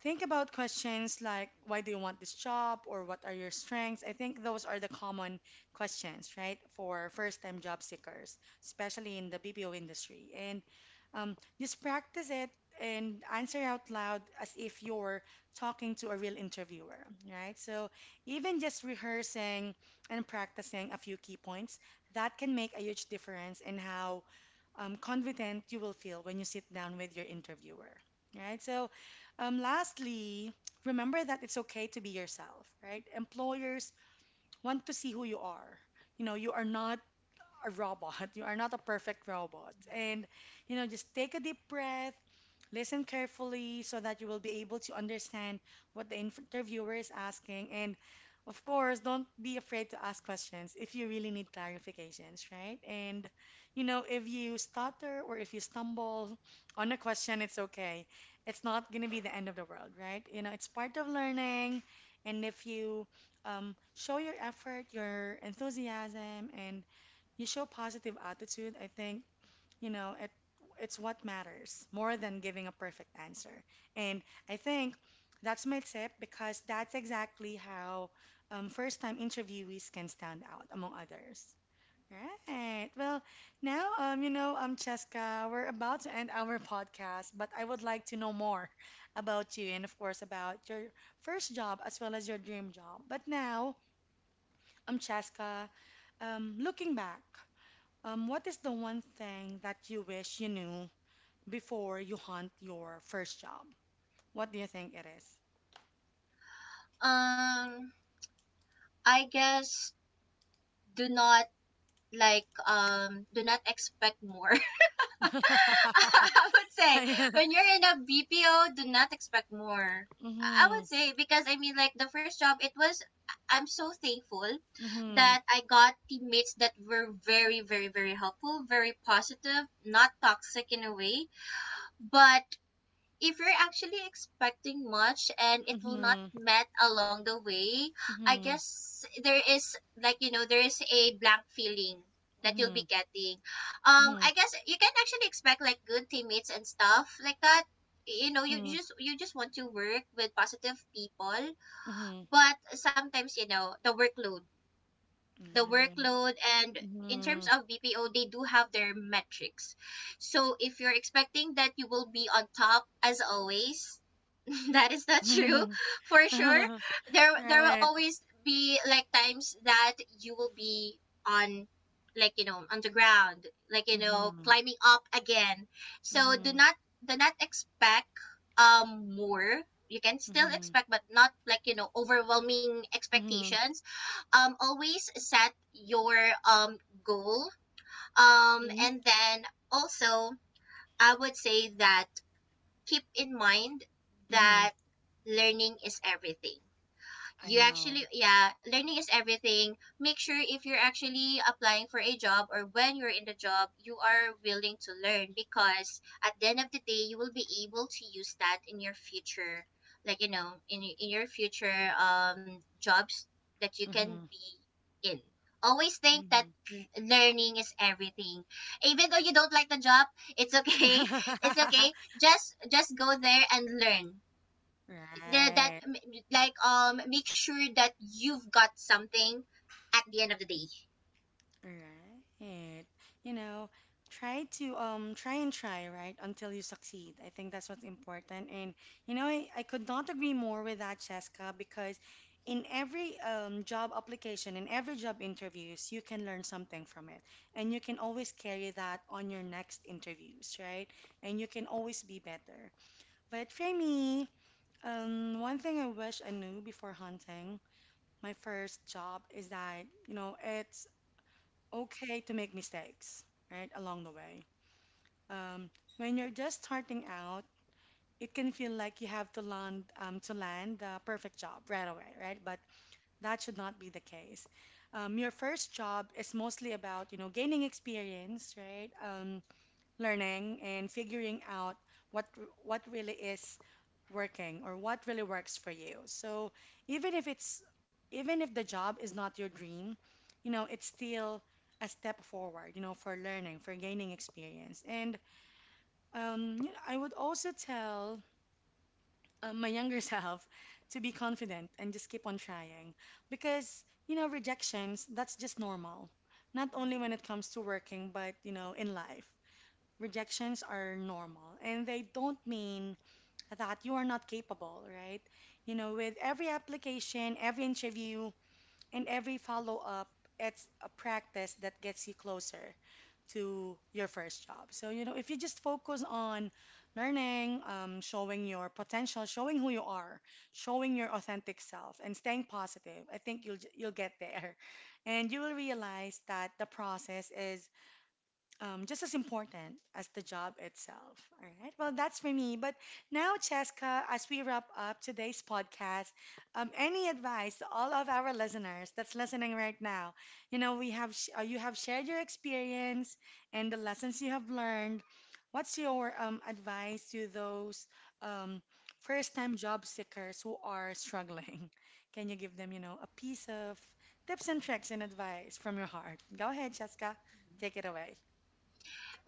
Speaker 1: Think about questions like why do you want this job or what are your strengths? I think those are the common questions, right, for first-time job seekers, especially in the BPO industry. And just practice it and answer out loud as if you're talking to a real interviewer, right? So even just rehearsing and practicing a few key points, that can make a huge difference in how confident you will feel when you sit down with your interviewer, right? So, lastly, remember that it's okay to be yourself, right? Employers want to see who you are. You know, you are not a robot, you are not a perfect robot. And, you know, just take a deep breath, listen carefully so that you will be able to understand what the interviewer is asking. And of course, don't be afraid to ask questions if you really need clarifications, right? And, you know, if you stutter or if you stumble on a question, it's okay. It's not going to be the end of the world, right? You know, it's part of learning. And if you show your effort, your enthusiasm, and you show positive attitude, I think you know, it's what matters more than giving a perfect answer. And I think that's my tip because that's exactly how first-time interviewees can stand out among others. Right. Well, now you know, Cheska, we're about to end our podcast, but I would like to know more about you and of course about your first job as well as your dream job. But now, Cheska, looking back, what is the one thing that you wish you knew before you hunt your first job? What do you think it is?
Speaker 2: Um I guess do not do not expect more. I would say when you're in a BPO, do not expect more. I
Speaker 1: Mm-hmm.
Speaker 2: would say because I mean like the first job it was, I'm so thankful
Speaker 1: Mm-hmm.
Speaker 2: that I got teammates that were very very helpful, very positive, not toxic in a way, but if you're actually expecting much and it will not
Speaker 1: Mm-hmm.
Speaker 2: met along the way, I guess there is there is a blank feeling that you'll
Speaker 1: Mm-hmm.
Speaker 2: be getting.
Speaker 1: Mm-hmm.
Speaker 2: I guess you can actually expect like good teammates and stuff like that. You know,
Speaker 1: Mm-hmm.
Speaker 2: you just want to work with positive people, but sometimes you know the workload, and in terms of BPO, they do have their metrics. So if you're expecting that you will be on top as always, that is not true
Speaker 1: Mm-hmm. Hmm.
Speaker 2: for sure
Speaker 1: Right.
Speaker 2: there
Speaker 1: Mm-hmm. Mm-hmm.
Speaker 2: will
Speaker 1: Right.
Speaker 2: always be like times that you will be on on the ground,
Speaker 1: Mm-hmm.
Speaker 2: climbing up again. So do
Speaker 1: Mm-hmm.
Speaker 2: not, do not expect more. You can still
Speaker 1: Mm-hmm.
Speaker 2: expect but not overwhelming
Speaker 1: Mm-hmm.
Speaker 2: expectations. Always set your um goal,
Speaker 1: Mm-hmm.
Speaker 2: and then also I would say that keep in mind
Speaker 1: Mm-hmm.
Speaker 2: that learning is everything.
Speaker 1: I
Speaker 2: You
Speaker 1: know.
Speaker 2: actually yeah learning is everything. Make sure if you're actually applying for a job or when you're in the job, you are willing to learn because at the end of the day you will be able to use that in your future, in your future jobs that you can
Speaker 1: Mm-hmm.
Speaker 2: be in. Always think that learning is everything. Even though you don't like the job, it's okay. It's
Speaker 1: Mm-hmm.
Speaker 2: okay. Just go there and learn. That that
Speaker 1: Right.
Speaker 2: like Make sure that you've got something at the end of the day.
Speaker 1: All right. You know, Try to try and try, right, until you succeed. I think that's what's important. And I could not agree more with that, Cheska, because in every job application, in every job interviews, you can learn something from it. And you can always carry that on your next interviews, right? And you can always be better. But for me, one thing I wish I knew before hunting my first job is that, it's okay to make mistakes, right, along the way. Um, when you're just starting out, it can feel like you have to land the perfect job right away, right? But that should not be the case. Your first job is mostly about, gaining experience, right? Learning and figuring out what what really is working or what really works for you. So even if it's even if the job is not your dream, it's still a step forward, for learning, for gaining experience. And I would also tell my younger self to be confident and just keep on trying because, rejections, that's just normal. Not only when it comes to working, but, in life rejections are normal and they don't mean that you are not capable, right? With every application, every interview, and every follow up, it's a practice that gets you closer to your first job. So, if you just focus on learning, showing your potential, showing who you are, showing your authentic self, and staying positive, I think you'll get there. And you will realize that the process is just as important as the job itself. All right. Well, that's for me. But now, Cheska, as we wrap up today's podcast, any advice to all of our listeners that's listening right now? You have shared your experience and the lessons you have learned. What's your advice to those um, first-time job seekers who are struggling? Can you give them, a piece of tips and tricks and advice from your heart? Go ahead, Cheska. Take it away.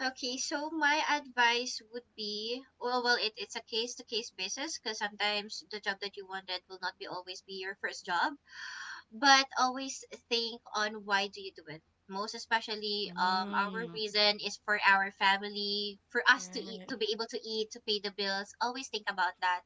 Speaker 2: Okay, so my advice would be, well, it's a case to case basis because sometimes the job that you wanted will not be always be your first job, but always think on why do you do it. Most especially our
Speaker 1: Mm,
Speaker 2: reason is for our family, for us to eat,
Speaker 1: right.
Speaker 2: to be able to eat, to pay the bills. Always think about that.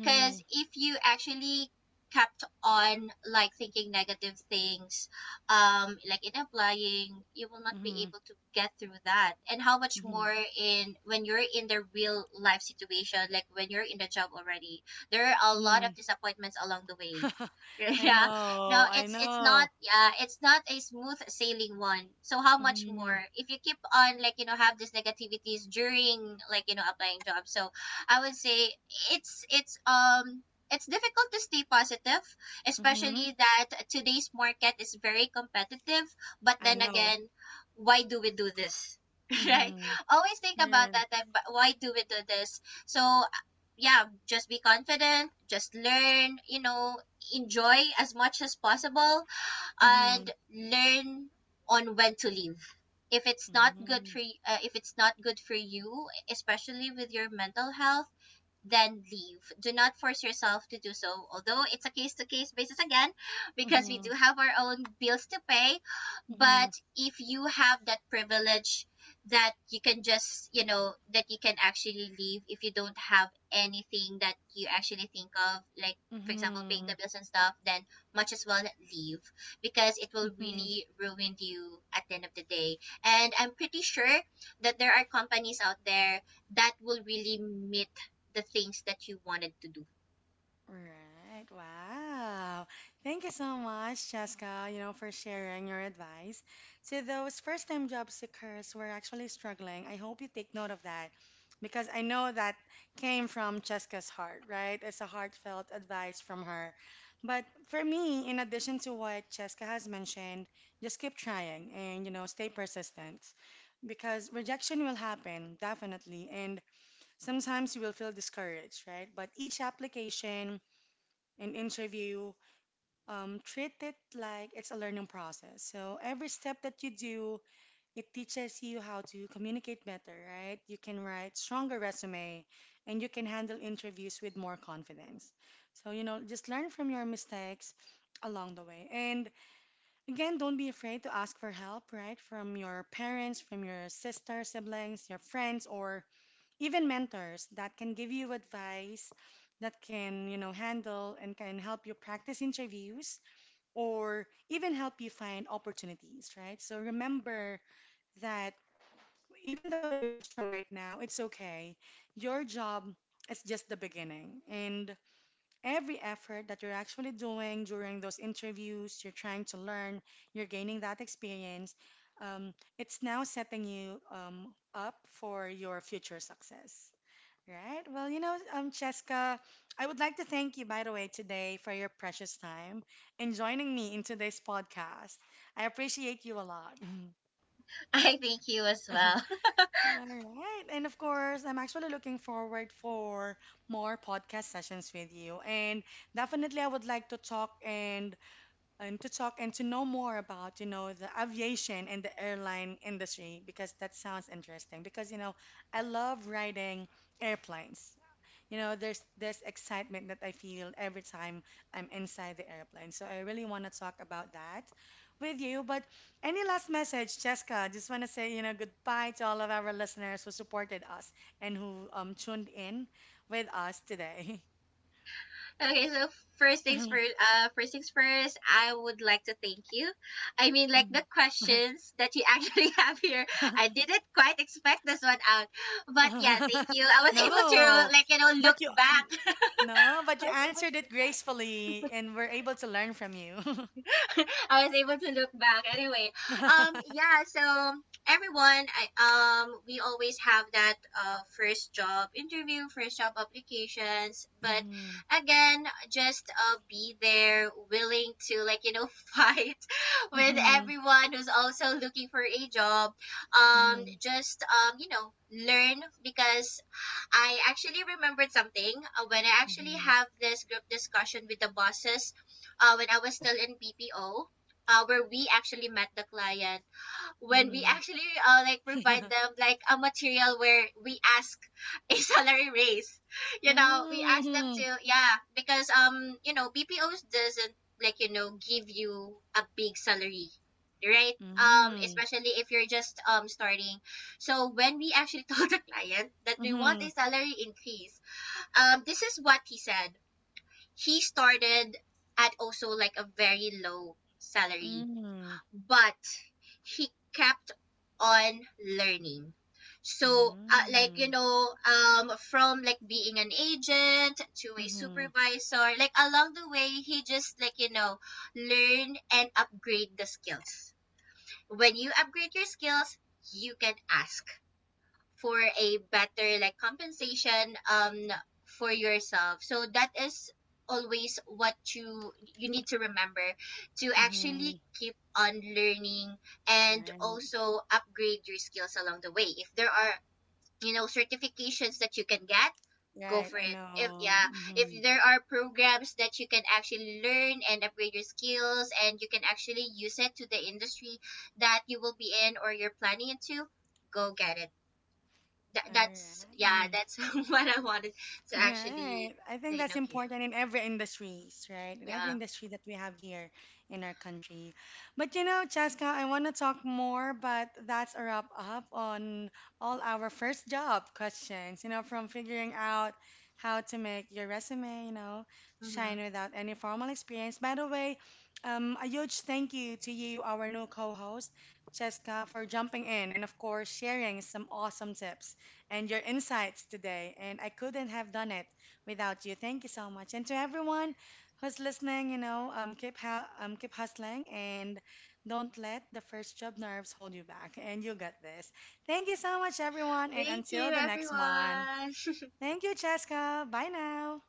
Speaker 2: Because if you actually kept on like thinking negative things, like in applying, you will not be
Speaker 1: Mhm.
Speaker 2: able to get through that. And how much
Speaker 1: Mhm.
Speaker 2: more in when you're in the real life situation, like when you're in the job already, there are a lot of
Speaker 1: Mhm.
Speaker 2: disappointments along the way.
Speaker 1: I
Speaker 2: Yeah, no,
Speaker 1: know. I
Speaker 2: it's not,
Speaker 1: know.
Speaker 2: yeah it's not a smooth sailing one. So how much
Speaker 1: Mhm.
Speaker 2: more if you keep on have these negativities during applying jobs. So I would say it's it's um it's difficult to stay positive,
Speaker 1: Mhm.
Speaker 2: especially that today's market is very competitive. But
Speaker 1: I
Speaker 2: then
Speaker 1: know.
Speaker 2: again, why do we do this? Right?
Speaker 1: Mhm.
Speaker 2: Always think about
Speaker 1: Yeah.
Speaker 2: that. But why do we do this? So yeah, just be confident. Just learn. You know, enjoy as much as possible, and
Speaker 1: Mhm.
Speaker 2: learn on when to leave. If it's not good for
Speaker 1: Mhm.
Speaker 2: if it's not good for you, especially with your mental health, then leave. Do not force yourself to do so, although it's a case to case basis again, because we do
Speaker 1: Mhm.
Speaker 2: have our own bills to pay.
Speaker 1: Mhm.
Speaker 2: But if you have that privilege that you can just, you know, that you can actually leave if you don't have anything that you actually think of, like, for example, paying the
Speaker 1: Mhm.
Speaker 2: bills and stuff, then much as well leave because it will
Speaker 1: Mhm.
Speaker 2: really ruin you at the end of the day. And I'm pretty sure that there are companies out there that will really meet the things that you wanted to do.
Speaker 1: Right. Wow. Thank you so much, Jessica, for sharing your advice. To those first-time job seekers who are actually struggling, I hope you take note of that because I know that came from Jessica's heart, right? It's a heartfelt advice from her. But for me, in addition to what Jessica has mentioned, just keep trying and, stay persistent because rejection will happen, definitely. And sometimes you will feel discouraged, right? But each application, an interview, treat it like it's a learning process. So every step that you do, it teaches you how to communicate better, right? You can write stronger resume and you can handle interviews with more confidence. So, just learn from your mistakes along the way. And again, don't be afraid to ask for help, right? From your parents, from your sister, siblings, your friends, or even mentors that can give you advice that can handle and can help you practice interviews or even help you find opportunities, right? So remember that even though you're struggling right now, it's okay. Your job is just the beginning, and every effort that you're actually doing during those interviews, you're trying to learn, you're gaining that experience. It's now setting you up for your future success. Right. Well, Cheska, I would like to thank you, by the way, today for your precious time and joining me in today's podcast. I appreciate you a lot.
Speaker 2: I thank you as well.
Speaker 1: All right. And of course, I'm actually looking forward for more podcast sessions with you. And definitely I would like to talk and to know more about, the aviation and the airline industry because that sounds interesting. Because, I love riding airplanes. There's this excitement that I feel every time I'm inside the airplane. So I really want to talk about that with you. But any last message, Jessica? Just want to say, goodbye to all of our listeners who supported us and who tuned in with us today.
Speaker 2: Okay, so first things first, I would like to thank you. I mean, like the
Speaker 1: Mhm.
Speaker 2: questions that you actually have here, I didn't quite expect this one out, but yeah, thank you. I was able to
Speaker 1: No, but
Speaker 2: look
Speaker 1: you
Speaker 2: back.
Speaker 1: no, but
Speaker 2: I
Speaker 1: you
Speaker 2: was able
Speaker 1: answered
Speaker 2: to
Speaker 1: it
Speaker 2: look back.
Speaker 1: gracefully, and we're able to learn from you.
Speaker 2: I was able to look back. Anyway, yeah. So everyone, I we always have that first job interview, first job applications.
Speaker 1: Mm-hmm.
Speaker 2: But again, just be there, willing to fight with
Speaker 1: Mm-hmm.
Speaker 2: everyone who's also looking for a job.
Speaker 1: Mm-hmm.
Speaker 2: Just you know, learn. Because I actually remembered something when I actually
Speaker 1: Mm-hmm.
Speaker 2: have this group discussion with the bosses when I was still in BPO, where we actually met the client when we
Speaker 1: Mm-hmm.
Speaker 2: actually like provide them like a material where we ask a salary raise. You know, we ask them to, yeah, because you know, BPOs doesn't give you a big salary, right?
Speaker 1: Mm-hmm.
Speaker 2: Especially if you're just starting. So when we actually told the client that
Speaker 1: Mm-hmm.
Speaker 2: we want
Speaker 1: Mm-hmm.
Speaker 2: a salary increase, this is what he said. He started at also like a very low salary,
Speaker 1: Mm-hmm.
Speaker 2: but he kept on learning. So,
Speaker 1: Mm-hmm.
Speaker 2: from like being an agent to a
Speaker 1: Mm-hmm.
Speaker 2: supervisor, like along the way, he just, learn and upgrade the skills. When you upgrade your skills, you can ask for a better like compensation for yourself. So that is always what you need to remember, to actually
Speaker 1: Mm-hmm.
Speaker 2: keep on learning and
Speaker 1: Right.
Speaker 2: also upgrade your skills along the way. If there are, you know, certifications that you can get, go
Speaker 1: Right.
Speaker 2: for
Speaker 1: I
Speaker 2: it. If
Speaker 1: know.
Speaker 2: yeah,
Speaker 1: Mm-hmm.
Speaker 2: if there are programs that you can actually learn and upgrade your skills and you can actually use it to the industry that you will be in or you're planning into, go get it.
Speaker 1: All
Speaker 2: That's yeah
Speaker 1: right.
Speaker 2: that's what I wanted to actually
Speaker 1: Right. I think
Speaker 2: you know
Speaker 1: that's
Speaker 2: give.
Speaker 1: important in every industries, right? In every
Speaker 2: Yeah.
Speaker 1: industry that we have here in our country. But you know, Cheska, I want to talk more, but that's a wrap up on all our first job questions, from figuring out how to make your resume,
Speaker 2: Hmm.
Speaker 1: shine without any formal experience. By the way, a huge thank you to you, our new co-host, Cheska, for jumping in and of course sharing some awesome tips and your insights today. And I couldn't have done it without you. Thank you so much. And to everyone who's listening, keep hustling and don't let the first job nerves hold you back. And you got this. Thank you so much, everyone. And
Speaker 2: Thank you
Speaker 1: until the next one,
Speaker 2: everyone.
Speaker 1: thank you, Cheska. Bye now.